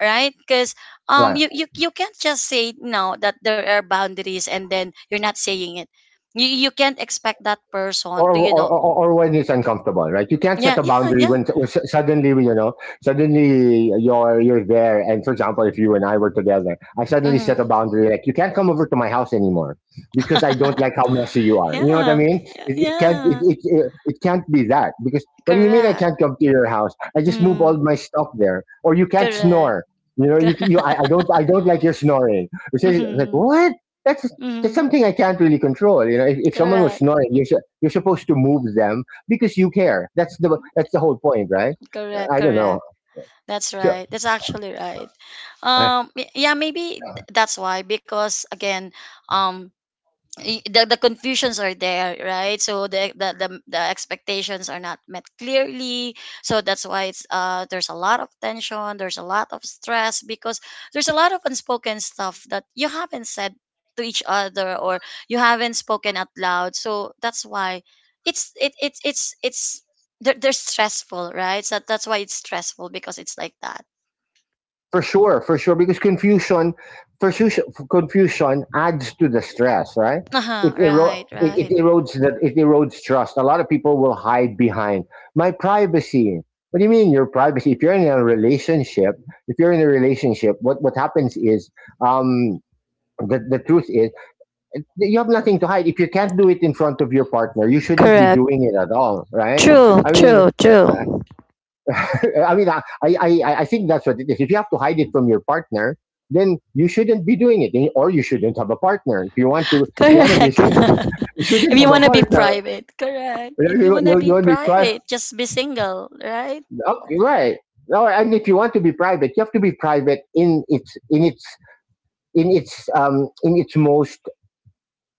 B: right? Because um
A: Right.
B: you, you you can't just say no that there are boundaries and then you're not saying it. you, you can't expect that person
A: or,
B: to you
A: or,
B: know,
A: or or when it's uncomfortable, right? You can't set
B: yeah
A: a
B: yeah
A: boundary
B: yeah.
A: when, when su- suddenly, you know, suddenly you're you're there. And for example, if you and I were together, I suddenly set a
B: Mm-hmm.
A: boundary like you can't come over to my house anymore because I don't like how messy you are. You know what I
B: Yeah,
A: mean?
B: yeah,
A: It, it can't it,
B: yeah.
A: it, it, it can't be that, because what do you mean I
B: Correct.
A: can't come to your house? I just move
B: mm,
A: all my stuff there, or you can't
B: Correct.
A: snore. You know, you, you I, I don't I don't like your snoring. You say like
B: Mm-hmm.
A: what? That's
B: Mm-hmm.
A: that's something I can't really control. You know, if, if someone was
B: Correct,
A: snoring, you, you're supposed to move them because you care. That's the that's the whole point, right?
B: correct,
A: I don't know.
B: correct. That's
A: So,
B: right. That's actually right.
A: uh,
B: Um, y- yeah, maybe th- that's why because again, um, y- the, the confusions are there, right? So the, the the the expectations are not met clearly, so that's why it's uh there's a lot of tension, there's a lot of stress because there's a lot of unspoken stuff that you haven't said to each other, or you haven't spoken out loud, so that's why it's it, it it's it's they're, they're stressful, right? So that's why it's stressful because it's like that.
A: for sure, for sure, because confusion, for sure, confusion adds to the stress, right?
B: Uh-huh,
A: It, ero-
B: right,
A: it,
B: right.
A: it erodes the, it erodes trust. A lot of people will hide behind my privacy. What do you mean your privacy? If you're in a relationship, if you're in a relationship, what what happens is um, the the truth is you have nothing to hide. If you can't do it in front of your partner, you shouldn't be
B: Correct.
A: doing it at all, right?
B: True,
A: I mean,
B: true, true.
A: I mean, I, I, I I think that's what it is. If you have to hide it from your partner, then you shouldn't be doing it, and- or you shouldn't have a partner. If you want to, if you want to be
B: Correct.
A: single, you
B: If
A: shouldn't
B: you
A: have
B: want
A: a
B: to be
A: partner.
B: private, correct. If
A: You,
B: you
A: you,
B: want
A: you
B: to be
A: want to be private,
B: private, just be single, right?
A: right? No, and if you want to be private, you have to be private in its in its in its um in its most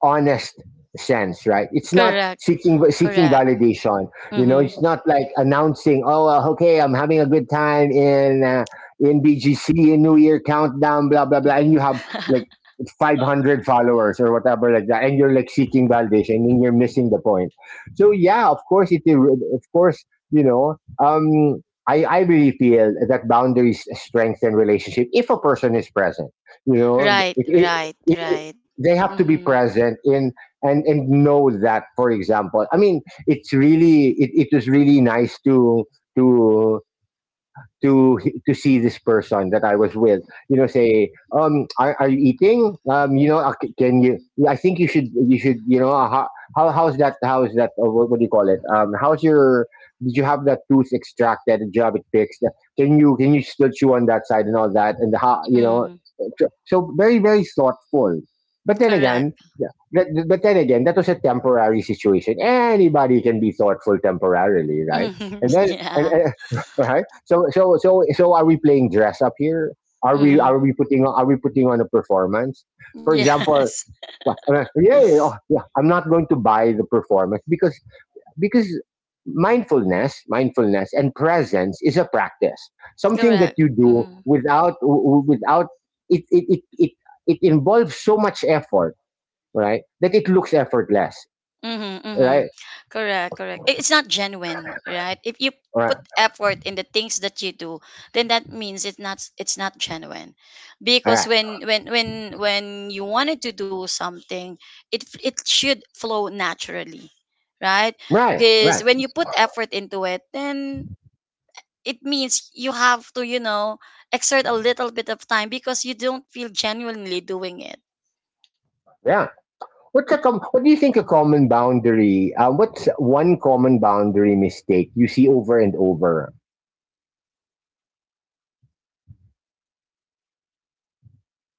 A: honest sense, right? It's not
B: Correct.
A: seeking seeking
B: Correct.
A: validation. You know,
B: Mm-hmm.
A: it's not like announcing, "Oh, uh, okay, I'm having a good time in uh, in B G C in New Year countdown, blah blah blah," and you have like five hundred followers or whatever like that, and you're like seeking validation, and you're missing the point. So yeah, of course it. Of course, you know. Um, I, I really feel that boundaries strengthen relationship if a person is present. You know,
B: Right,
A: if,
B: right,
A: if,
B: right.
A: they have to be
B: Mm-hmm.
A: present in, and and know that, for example, I mean, it's really, it, it was really nice to to to to see this person that I was with. You know, say, um, are, are you eating? Um, you know, uh, c- can you? I think you should. You should. You know, uh, ho- how how's that? How's that? Uh, what, what do you call it? Um, how's your? Did you have that tooth extracted? Did you have it fixed? Can you can you still chew on that side and all that? And how you know?
B: Mm-hmm.
A: So, so very very thoughtful. But then
B: Correct.
A: again, yeah, but, but then again, that was a temporary situation. Anybody can be thoughtful temporarily, right?
B: Mm-hmm.
A: And then and,
B: Yeah.
A: and right? So so so so are we playing dress up here? Are we,
B: Mm-hmm.
A: are we putting on, are we putting on a performance? For example,
B: Yes.
A: uh, uh, yeah, yeah, oh, yeah, I'm not going to buy the performance because because mindfulness, mindfulness and presence is a practice, something that
B: Correct.
A: you do
B: Mm-hmm.
A: without w- w- without it it it it, it involves so much effort, right? That it looks effortless,
B: Mm-hmm, mm-hmm.
A: right?
B: Correct, correct. I- It's not genuine, right? If you
A: Right,
B: put effort in the things that you do, then that means it's not it's not genuine. Because
A: right,
B: when when when when you wanted to do something, it f- it should flow naturally, right?
A: right,
B: Because
A: right.
B: when you put effort into it, then it means you have to, you know, exert a little bit of time because you don't feel genuinely doing it.
A: Yeah. What's a com- what do you think a common boundary? Um, what's one common boundary mistake you see over and over?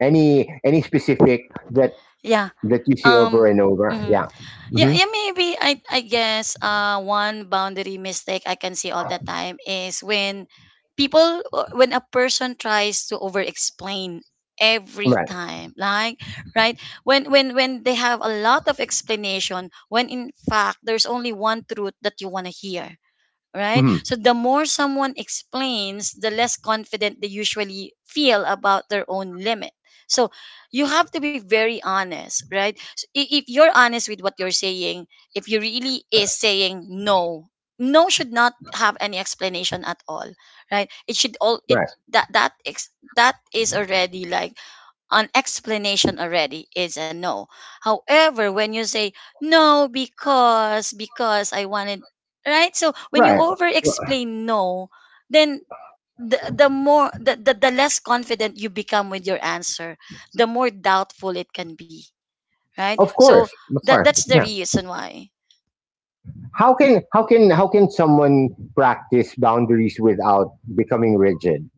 A: Any any specific that
B: Yeah.
A: that you see
B: Um.
A: over and over?
B: Mhm.
A: Yeah.
B: Yeah,
A: Hmm.
B: yeah, maybe I I guess uh one boundary mistake I can see all the time is when people uh, when a person tries to over explain every
A: Right.
B: time, like right, when when when they have a lot of explanation when in fact there's only one truth that you want to hear, right?
A: Hmm.
B: So the more someone explains, the less confident they usually feel about their own limit. So you have to be very honest, right? So i- if you're honest with what you're saying, if you really is saying no, no should not have any explanation at all, right? It should all it
A: Right.
B: that that ex, that is already like an explanation already is a no. However, when you say no because because I wanted, right? So when you
A: Right.
B: over explain no, then the, the more the, the, the less confident you become with your answer, the more doubtful it can be. Right?
A: Of
B: So
A: course. Of
B: that
A: course.
B: that's the
A: Yeah.
B: reason why.
A: How can how can how can someone practice boundaries without becoming rigid?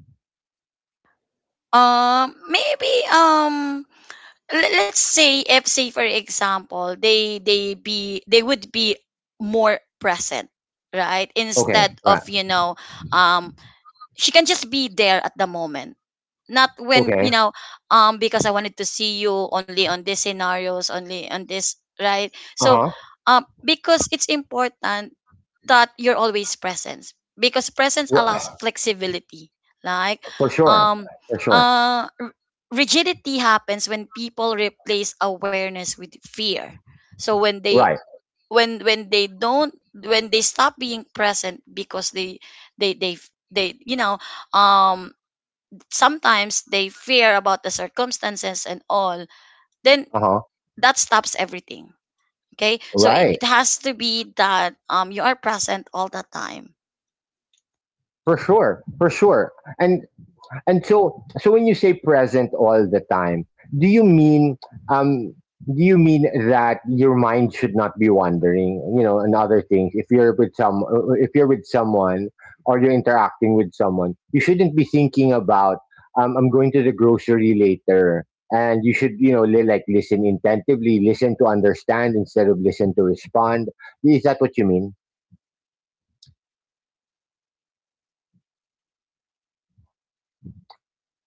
B: Um maybe, um let- let's say if, say for example, they they be they would be more present, right,
A: Okay.
B: instead
A: Right.
B: of, you know um she can just be there at the moment, not when, you
A: Okay.
B: know um because I wanted to see you only on these scenarios, only on this, right?
A: Uh
B: So
A: huh.
B: um because it's important that you're always present, because presence allows flexibility, like,
A: For sure.
B: um
A: For sure.
B: uh r- rigidity happens when people replace awareness with fear. So when they,
A: Right.
B: when when they don't, when they stop being present because they they they they you know um sometimes they fear about the circumstances and all, then
A: Uh huh.
B: that stops everything. Okay, so it,
A: Right.
B: it has to be that um you are present all the time.
A: For sure. For sure. And And so, so when you say present all the time, do you mean um, do you mean that your mind should not be wandering? You know, and other things. If you're with some, if you're with someone, or you're interacting with someone, you shouldn't be thinking about um, I'm going to the grocery later, and you should you know li- like listen intently, listen to understand instead of listen to respond. Is that what you mean?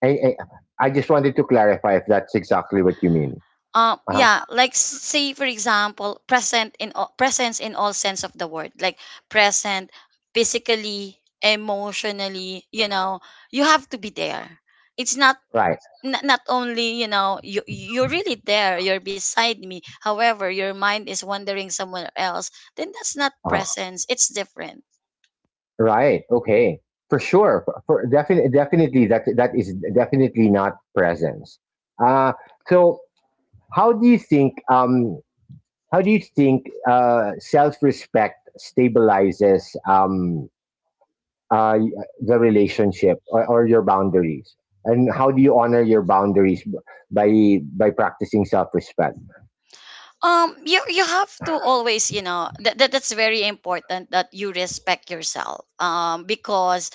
A: I I, I just wanted to clarify if that's exactly what you mean.
B: um
A: Uh huh.
B: Yeah, like s- say for example, present in all, presence in all sense of the word, like present physically, emotionally, you know, you have to be there. It's not,
A: Right.
B: not, not only, you know, you you're really there, you're beside me, however your mind is wandering somewhere else, then that's not
A: Uh-huh.
B: presence, it's different.
A: Right. Okay. For sure. For, for definitely, definitely that that is definitely not presence. Uh, so how do you think? Um, how do you think uh, self-respect stabilizes um, uh, the relationship, or, or your boundaries? And how do you honor your boundaries b- by by practicing self-respect?
B: Um you, you have to always, you know that, that that's very important that you respect yourself, um because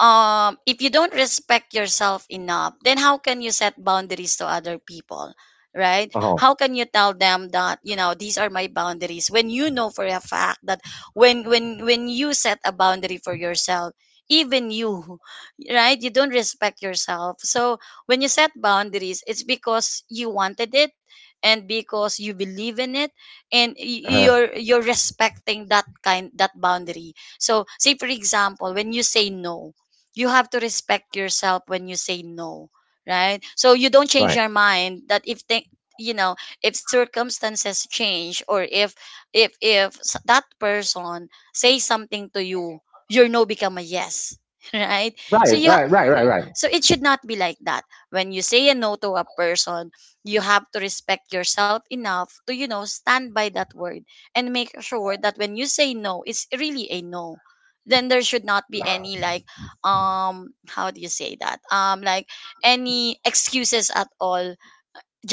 B: um if you don't respect yourself enough, then how can you set boundaries to other people? Right?
A: Uh huh.
B: How can you tell them that, you know, these are my boundaries when you know for a fact that when when when you set a boundary for yourself, even you right, you don't respect yourself. So when you set boundaries, it's because you wanted it and because you believe in it, and y-
A: Uh-huh.
B: you're you're respecting that kind, that boundary. So say for example, when you say no, you have to respect yourself when you say no, right? So you don't change
A: Right.
B: your mind that if thi- you know, if circumstances change, or if, if if s- that person say something to you, your no become a yes right? So
A: Right.
B: you
A: Right.
B: ha-
A: Right. Right. Right.
B: so it should not be like that. When you say a no to a person, you have to respect yourself enough to, you know, stand by that word, and make sure that when you say no, it's really a no. Then there should not be any like, um how do you say that, um like any excuses at all,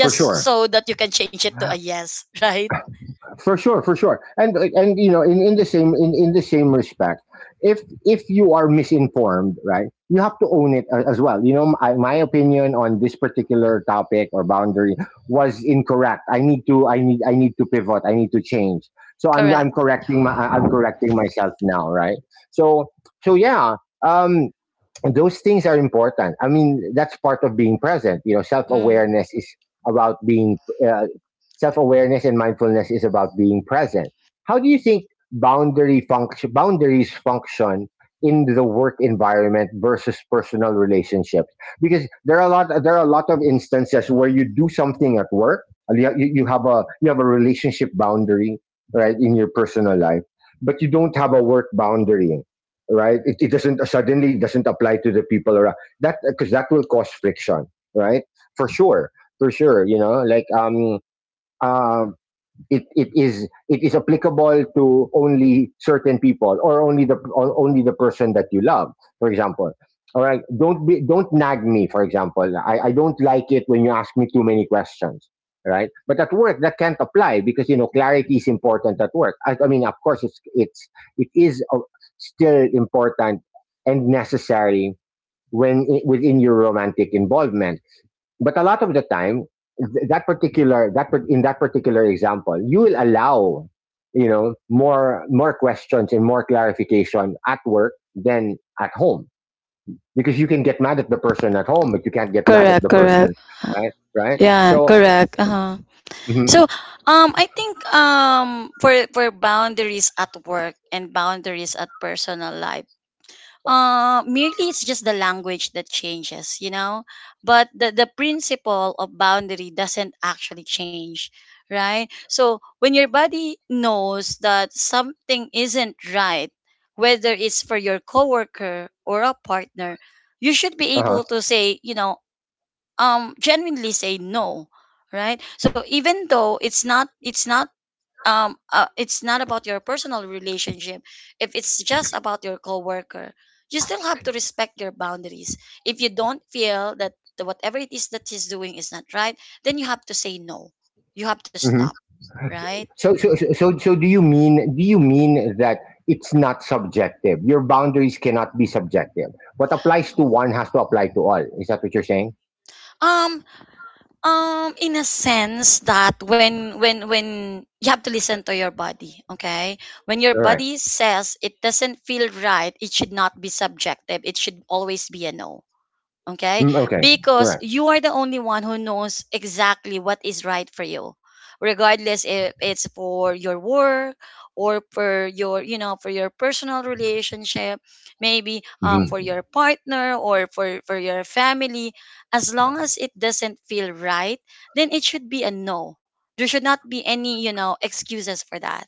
A: For sure.
B: so that you can change it to a yes right?
A: For sure, for sure. And like, and you know, in, in the same, in, in the same respect, if if you are misinformed, right, you have to own it a- as well. You know, my, my opinion on this particular topic or boundary was incorrect. I need to i need i need to pivot. I need to change. So I'm I'm
B: Correct.
A: correcting my I- am correcting myself now, right? So so yeah, um, those things are important. I mean, that's part of being present. You know, self
B: Mm.
A: awareness is about being uh, self awareness and mindfulness is about being present. How do you think boundary function boundaries function in the work environment versus personal relationships? Because there are a lot there are a lot of instances where you do something at work, and you, you you have a you have a relationship boundary right in your personal life, but you don't have a work boundary, right? It, it doesn't suddenly doesn't apply to the people around that, because that will cause friction, right? For sure, for sure. You know, like um, um it, it is it is applicable to only certain people or only the or only the person that you love, for example. All right, don't be don't nag me. For example, i, I don't like it when you ask me too many questions, right? But at work that can't apply, because you know clarity is important at work. I, I mean, of course it's it's it is uh, still important and necessary when i- within your romantic involvement. But a lot of the time, th- that particular that par- in that particular example, you will allow, you know, more more questions and more clarification at work than at home, because you can get mad at the person at home but you can't get mad at the person. Right, right.
B: Yeah,
A: So,
B: correct, uh-huh.
A: mhm,
B: So um I think, um for for boundaries at work and boundaries at personal life, Uh, merely it's just the language that changes, you know, but the, the principle of boundary doesn't actually change, right? So when your body knows that something isn't right, whether it's for your coworker or a partner, you should be
A: uh-huh,
B: able to say, you know, um, genuinely say no, right? So even though it's not, it's not um uh, it's not about your personal relationship, if it's just about your coworker, you still have to respect your boundaries. If you don't feel that the- whatever it is that he's doing is not right, then you have to say no, you have to
A: mhm.
B: stop, right?
A: so, so so so so do you mean, do you mean that it's not subjective? Your boundaries cannot be subjective. What applies to one has to apply to all. Is that what you're saying?
B: Um um in a sense that when when when you have to listen to your body, okay? When your
A: All right.
B: body says it doesn't feel right, it should not be subjective, it should always be a no. Okay?
A: Mm, okay. All
B: Because
A: right.
B: you are the only one who knows exactly what is right for you, regardless if it's for your work, or for your, you know, for your personal relationship, maybe uh, for
A: Mm-hmm.
B: your partner, or for, for your family. As long as it doesn't feel right, then it should be a no. There should not be any, you know, excuses for that.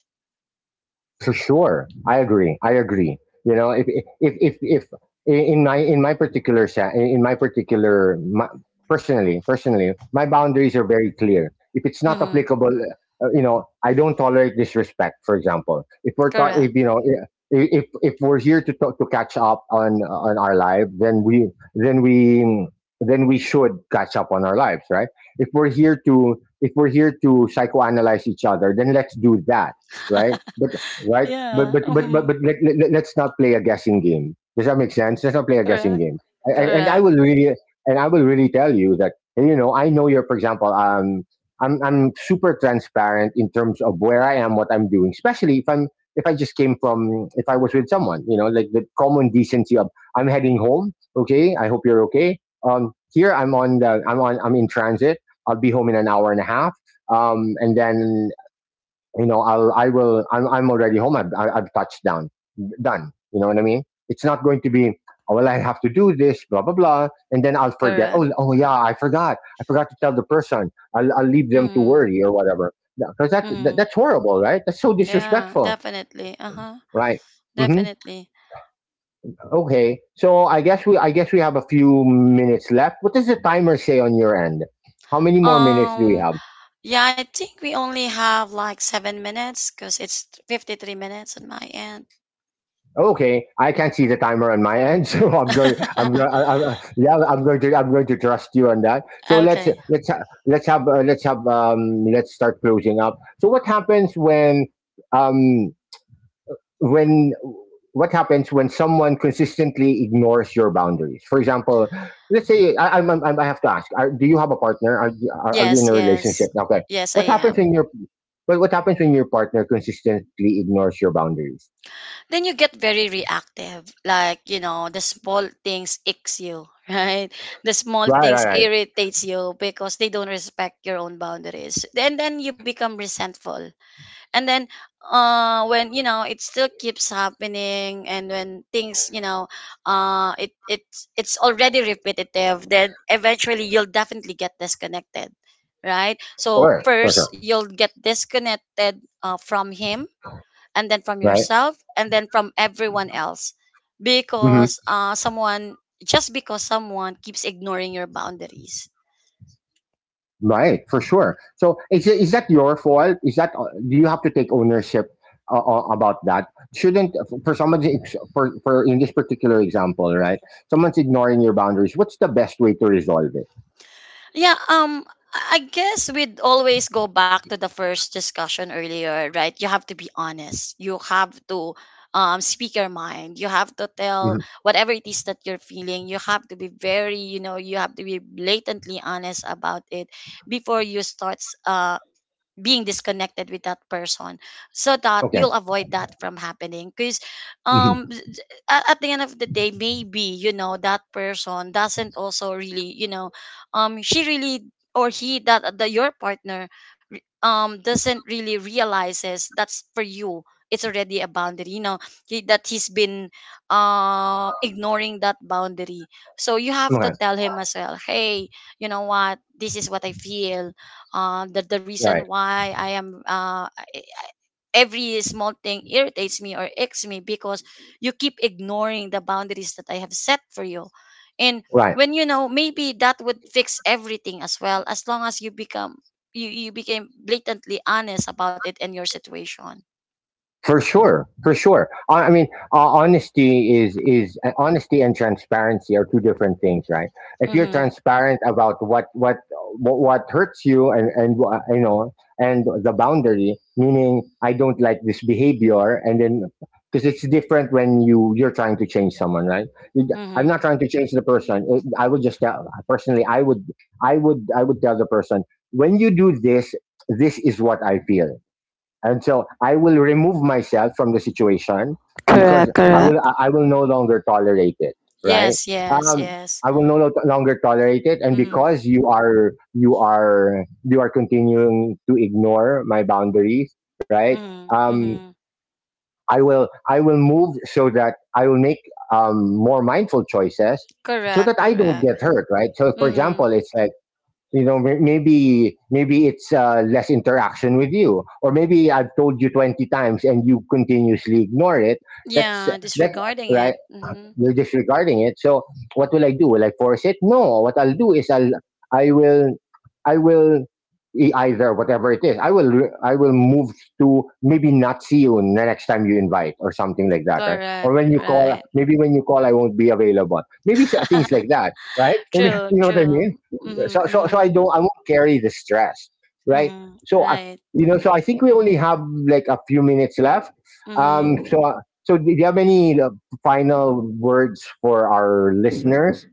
A: For sure, I agree. I agree. You know, if if if if in my in my particular se- in my particular my, personally, personally my boundaries are very clear. If it's not
B: Mm-hmm.
A: applicable, uh, you know, I don't tolerate disrespect. For example, if we're ta-
B: Correct.
A: if, you know, i- If, if we're here to, to to catch up on on our life, then we then we then we should catch up on our lives, right? If we're here to, if we're here to psychoanalyze each other, then let's do that, right? But right? But
B: Yeah.
A: but but but,
B: Mm-hmm.
A: but let, let, let's not play a guessing game. Does that make sense? Let's not play a guessing
B: Correct.
A: game. I, I, and I
B: Correct.
A: will really and I will really tell you that, you know, I know you're. For example, um, I'm I'm super transparent in terms of where I am, what I'm doing, especially if I'm, if I just came from, if I was with someone, you know, like the common decency of: I'm heading home. Okay, I hope you're okay. Um, here, I'm on the I'm on I'm in transit. I'll be home in an hour and a half. Um, and then, you know, i'll i will i'm, I'm already home. I've, I- have i have touched down. Done. You know what I mean? It's not going to be: oh, well, I have to do this, blah blah blah, and then I'll forget.
B: Correct.
A: Oh, oh yeah, i forgot I forgot to tell the person. i'll, I'll leave them to
B: Mm-hmm.
A: worry or whatever, because that,
B: Mm-hmm.
A: that that's horrible, right? That's so
B: Yeah,
A: disrespectful.
B: definitely. Uh-huh.
A: Right. Hmm.
B: Definitely.
A: Okay, so i guess we I guess we have a few minutes left. What does the timer say on your end? How many more minutes do we
B: Um,
A: have?
B: yeah, I think we only have like seven minutes because it's fifty-three minutes on my end.
A: Okay, I can't see the timer on my end, so I'm going. I'm going. I'm, I yeah, I'm going to. I'm going to trust you on that. So let's
B: Okay.
A: let's ha- let's have uh, let's have um let's start closing up. So what happens when, um, when, what happens when someone consistently ignores your boundaries? For example, let's say I, I'm, I'm, I have to ask: are, Do you have a partner? Are, you- are are you in
B: Yes,
A: a relationship?
B: yes.
A: Okay.
B: Yes, I
A: What happens
B: am.
A: when your, what what happens when your partner consistently ignores your boundaries?
B: Then you get very reactive. Like, you know, the small things icks you, right? The small
A: Right, right,
B: things
A: right.
B: irritates you because they don't respect your own boundaries. Then then you become resentful, and then uh when, you know, it still keeps happening, and when things, you know, uh it it's it's already repetitive, then eventually you'll definitely get disconnected. Right, so
A: Sure,
B: first
A: sure.
B: you'll get disconnected uh, from him, and then from
A: Right.
B: yourself, and then from everyone else,
A: Hmm.
B: because uh someone, just because someone keeps ignoring your boundaries.
A: Right. For sure. So is it, is that your fault? Is that, uh, do you have to take ownership uh, uh, about that? Shouldn't, for somebody, for for in this particular example, right? Someone's ignoring your boundaries. What's the best way to resolve it?
B: Yeah, um I I guess we'd always go back to the first discussion earlier, right? You have to be honest. You have to um speak your mind. You have to tell
A: Hmm.
B: whatever it is that you're feeling. You have to be very, you know, you have to be blatantly honest about it before you start being disconnected with that person, so that
A: Okay.
B: you'll avoid that from happening. Because
A: Hmm.
B: um z- a- at the end of the day, maybe, you know, that person doesn't also really, you know, um she really, or he, that uh, the your partner re- um doesn't really realizes that's for you, it's already a boundary, you know, he, that he's been um ignoring that boundary. So you have to
A: Okay.
B: tell him as well, hey, you know what, this is what I feel, uh, that the reason
A: Right.
B: why I am, uh, I- every small thing irritates me or icks me because you keep ignoring the boundaries that I have set for you. And
A: Right.
B: when, you know, maybe that would fix everything as well, as long as you become, you you became blatantly honest about it and your situation.
A: For sure, for sure. I, I mean, uh, honesty is is uh, honesty and transparency are two different things, right? If you're
B: Mm-hmm.
A: transparent about what what what, what hurts you and and wha- you know, and the boundary, meaning I don't like this behavior. And then, because it's different when you, you're trying to change someone, right? You d- I'm not
B: Mm-hmm.
A: trying to change the person. It, I would just tell, personally, I would, I would I would tell the person: when you do this, this is what I feel. And so I will remove myself from the situation, because i will i I will no longer tolerate it, right?
B: Yes, yes,
A: Um,
B: yes.
A: I will no lo- longer tolerate it. And
B: Mm-hmm.
A: because you are, you are you are continuing to ignore my boundaries, right?
B: Mm-hmm.
A: Um,
B: Mm-hmm.
A: I will, I will move so that I will make, um, more mindful choices so that
B: Correct,
A: I don't
B: correct.
A: get hurt, right? So for
B: Mm-hmm.
A: example, it's like, you know, may- maybe maybe it's uh, less interaction with you, or maybe I've told you twenty times and you continuously ignore it. That's,
B: Yeah,
A: that,
B: disregarding
A: right,
B: it. Mm-hmm.
A: you're disregarding it. So what will I do? Will I force it? No. What I'll do is, I'll I will I will e- either, whatever it is. I will re- I will move to maybe not see you the next time you invite, or something like that, right? Or
B: Correct,
A: when you call,
B: right.
A: maybe when you call I won't be available. Maybe so, things like that, right? Maybe,
B: True,
A: you know what I mean.
B: true. Mhm,
A: So so so I
B: mhm,
A: don't, I won't carry the stress, right?
B: mhm.
A: So I,
B: Right.
A: you know, so I think we only have like a few minutes left.
B: Mhm.
A: Um, so, uh, so, do you have any, uh, final words for our listeners?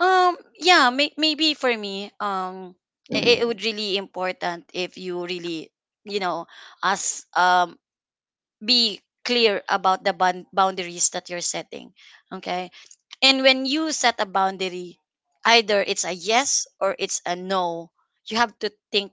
B: Um, yeah, may- maybe for me, um, it, it would really important if you really, you know, as um, be clear about the bound- boundaries that you're setting. Okay, and when you set a boundary, either it's a yes or it's a no. You have to think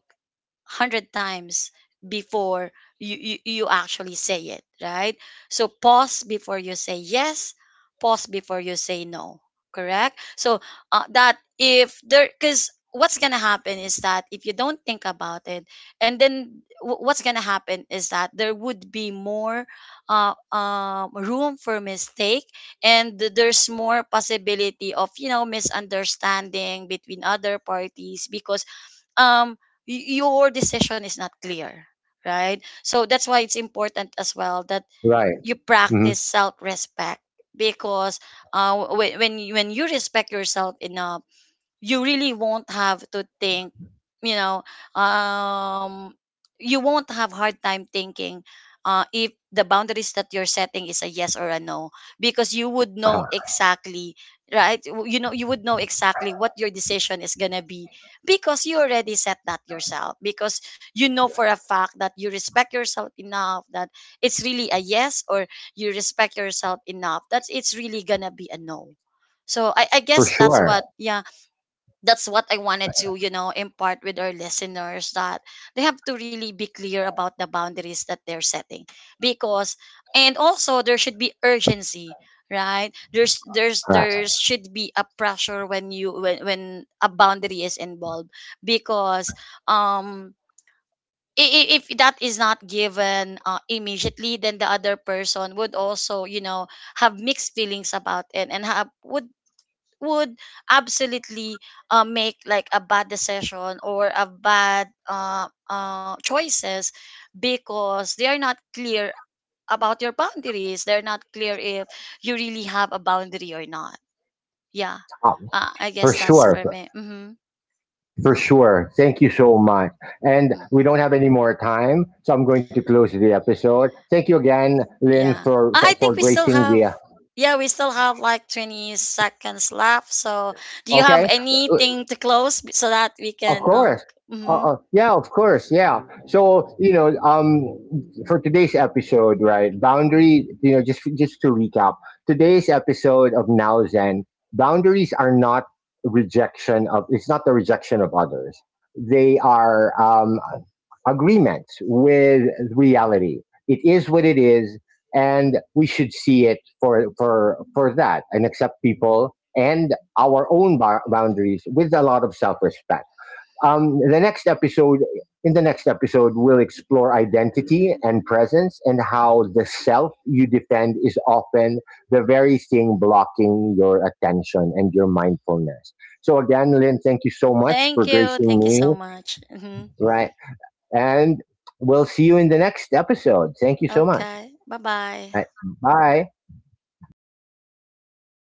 B: hundred times before you, you you actually say it, right? So pause before you say yes, pause before you say no. Correct. So uh, that if there, because what's gonna happen is that if you don't think about it, and then w- what's gonna happen is that there would be more uh, um, room for mistake, and th- there's more possibility of, you know, misunderstanding between other parties, because um y- your decision is not clear, right? So that's why it's important as well that
A: Right.
B: you
A: Hmm.
B: practice self-respect, because uh, wh- when you, when you respect yourself enough, you really won't have to think, you know, um you won't have hard time thinking uh, if the boundaries that you're setting is a yes or a no, because you would know
A: Uh-huh.
B: exactly, right? W- you know, you would know exactly what your decision is going to be, because you already set that yourself, because you know for a fact that you respect yourself enough that it's really a yes, or you respect yourself enough that it's really going to be a no. So I, I
A: For
B: guess that's
A: sure.
B: what, yeah, that's what I wanted to, you know, impart with our listeners, that they have to really be clear about the boundaries that they're setting. Because, and also there should be urgency, right? There's there's
A: Right.
B: there should be a pressure when you when when a boundary is involved, because um i- i- if that is not given uh, immediately, then the other person would also, you know, have mixed feelings about it, and have would would absolutely, uh, make like a bad decision or a bad uh, uh, choices, because they are not clear about your boundaries, they're not clear if you really have a boundary or not, yeah.
A: Uh,
B: uh, I
A: for
B: guess that's
A: sure.
B: for me. Mm-hmm.
A: For sure. Thank you so much. And
B: Mm.
A: we don't have any more time, so I'm going to close the episode. Thank you again, Lynn,
B: Yeah,
A: for
B: i I
A: for,
B: think
A: for
B: we still
A: gracing
B: have,
A: the.
B: yeah, we still have like twenty seconds left, so do you have
A: Okay.
B: anything to close b- so that we
A: Of
B: can um
A: course. Uh,
B: mhm.
A: uh, yeah, of course. Yeah. So you know, um, for today's episode, right? Boundary. You know, just just to recap, today's episode of Now Zen, boundaries are not rejection of. It's not the rejection of others. They are, um, agreements with reality. It is what it is, and we should see it for for for that, and accept people and our own bar- boundaries with a lot of self respect. Um, the next episode, in the next episode, we'll explore identity and presence, and how the self you defend is often the very thing blocking your attention and your mindfulness. So again, Lynn, thank you so much
B: Thank
A: for
B: you,
A: gracing
B: thank you so
A: me.
B: much. Hmm.
A: Right. And we'll see you in the next episode. Thank you so much.
B: Okay, bye bye.
A: Right. Bye.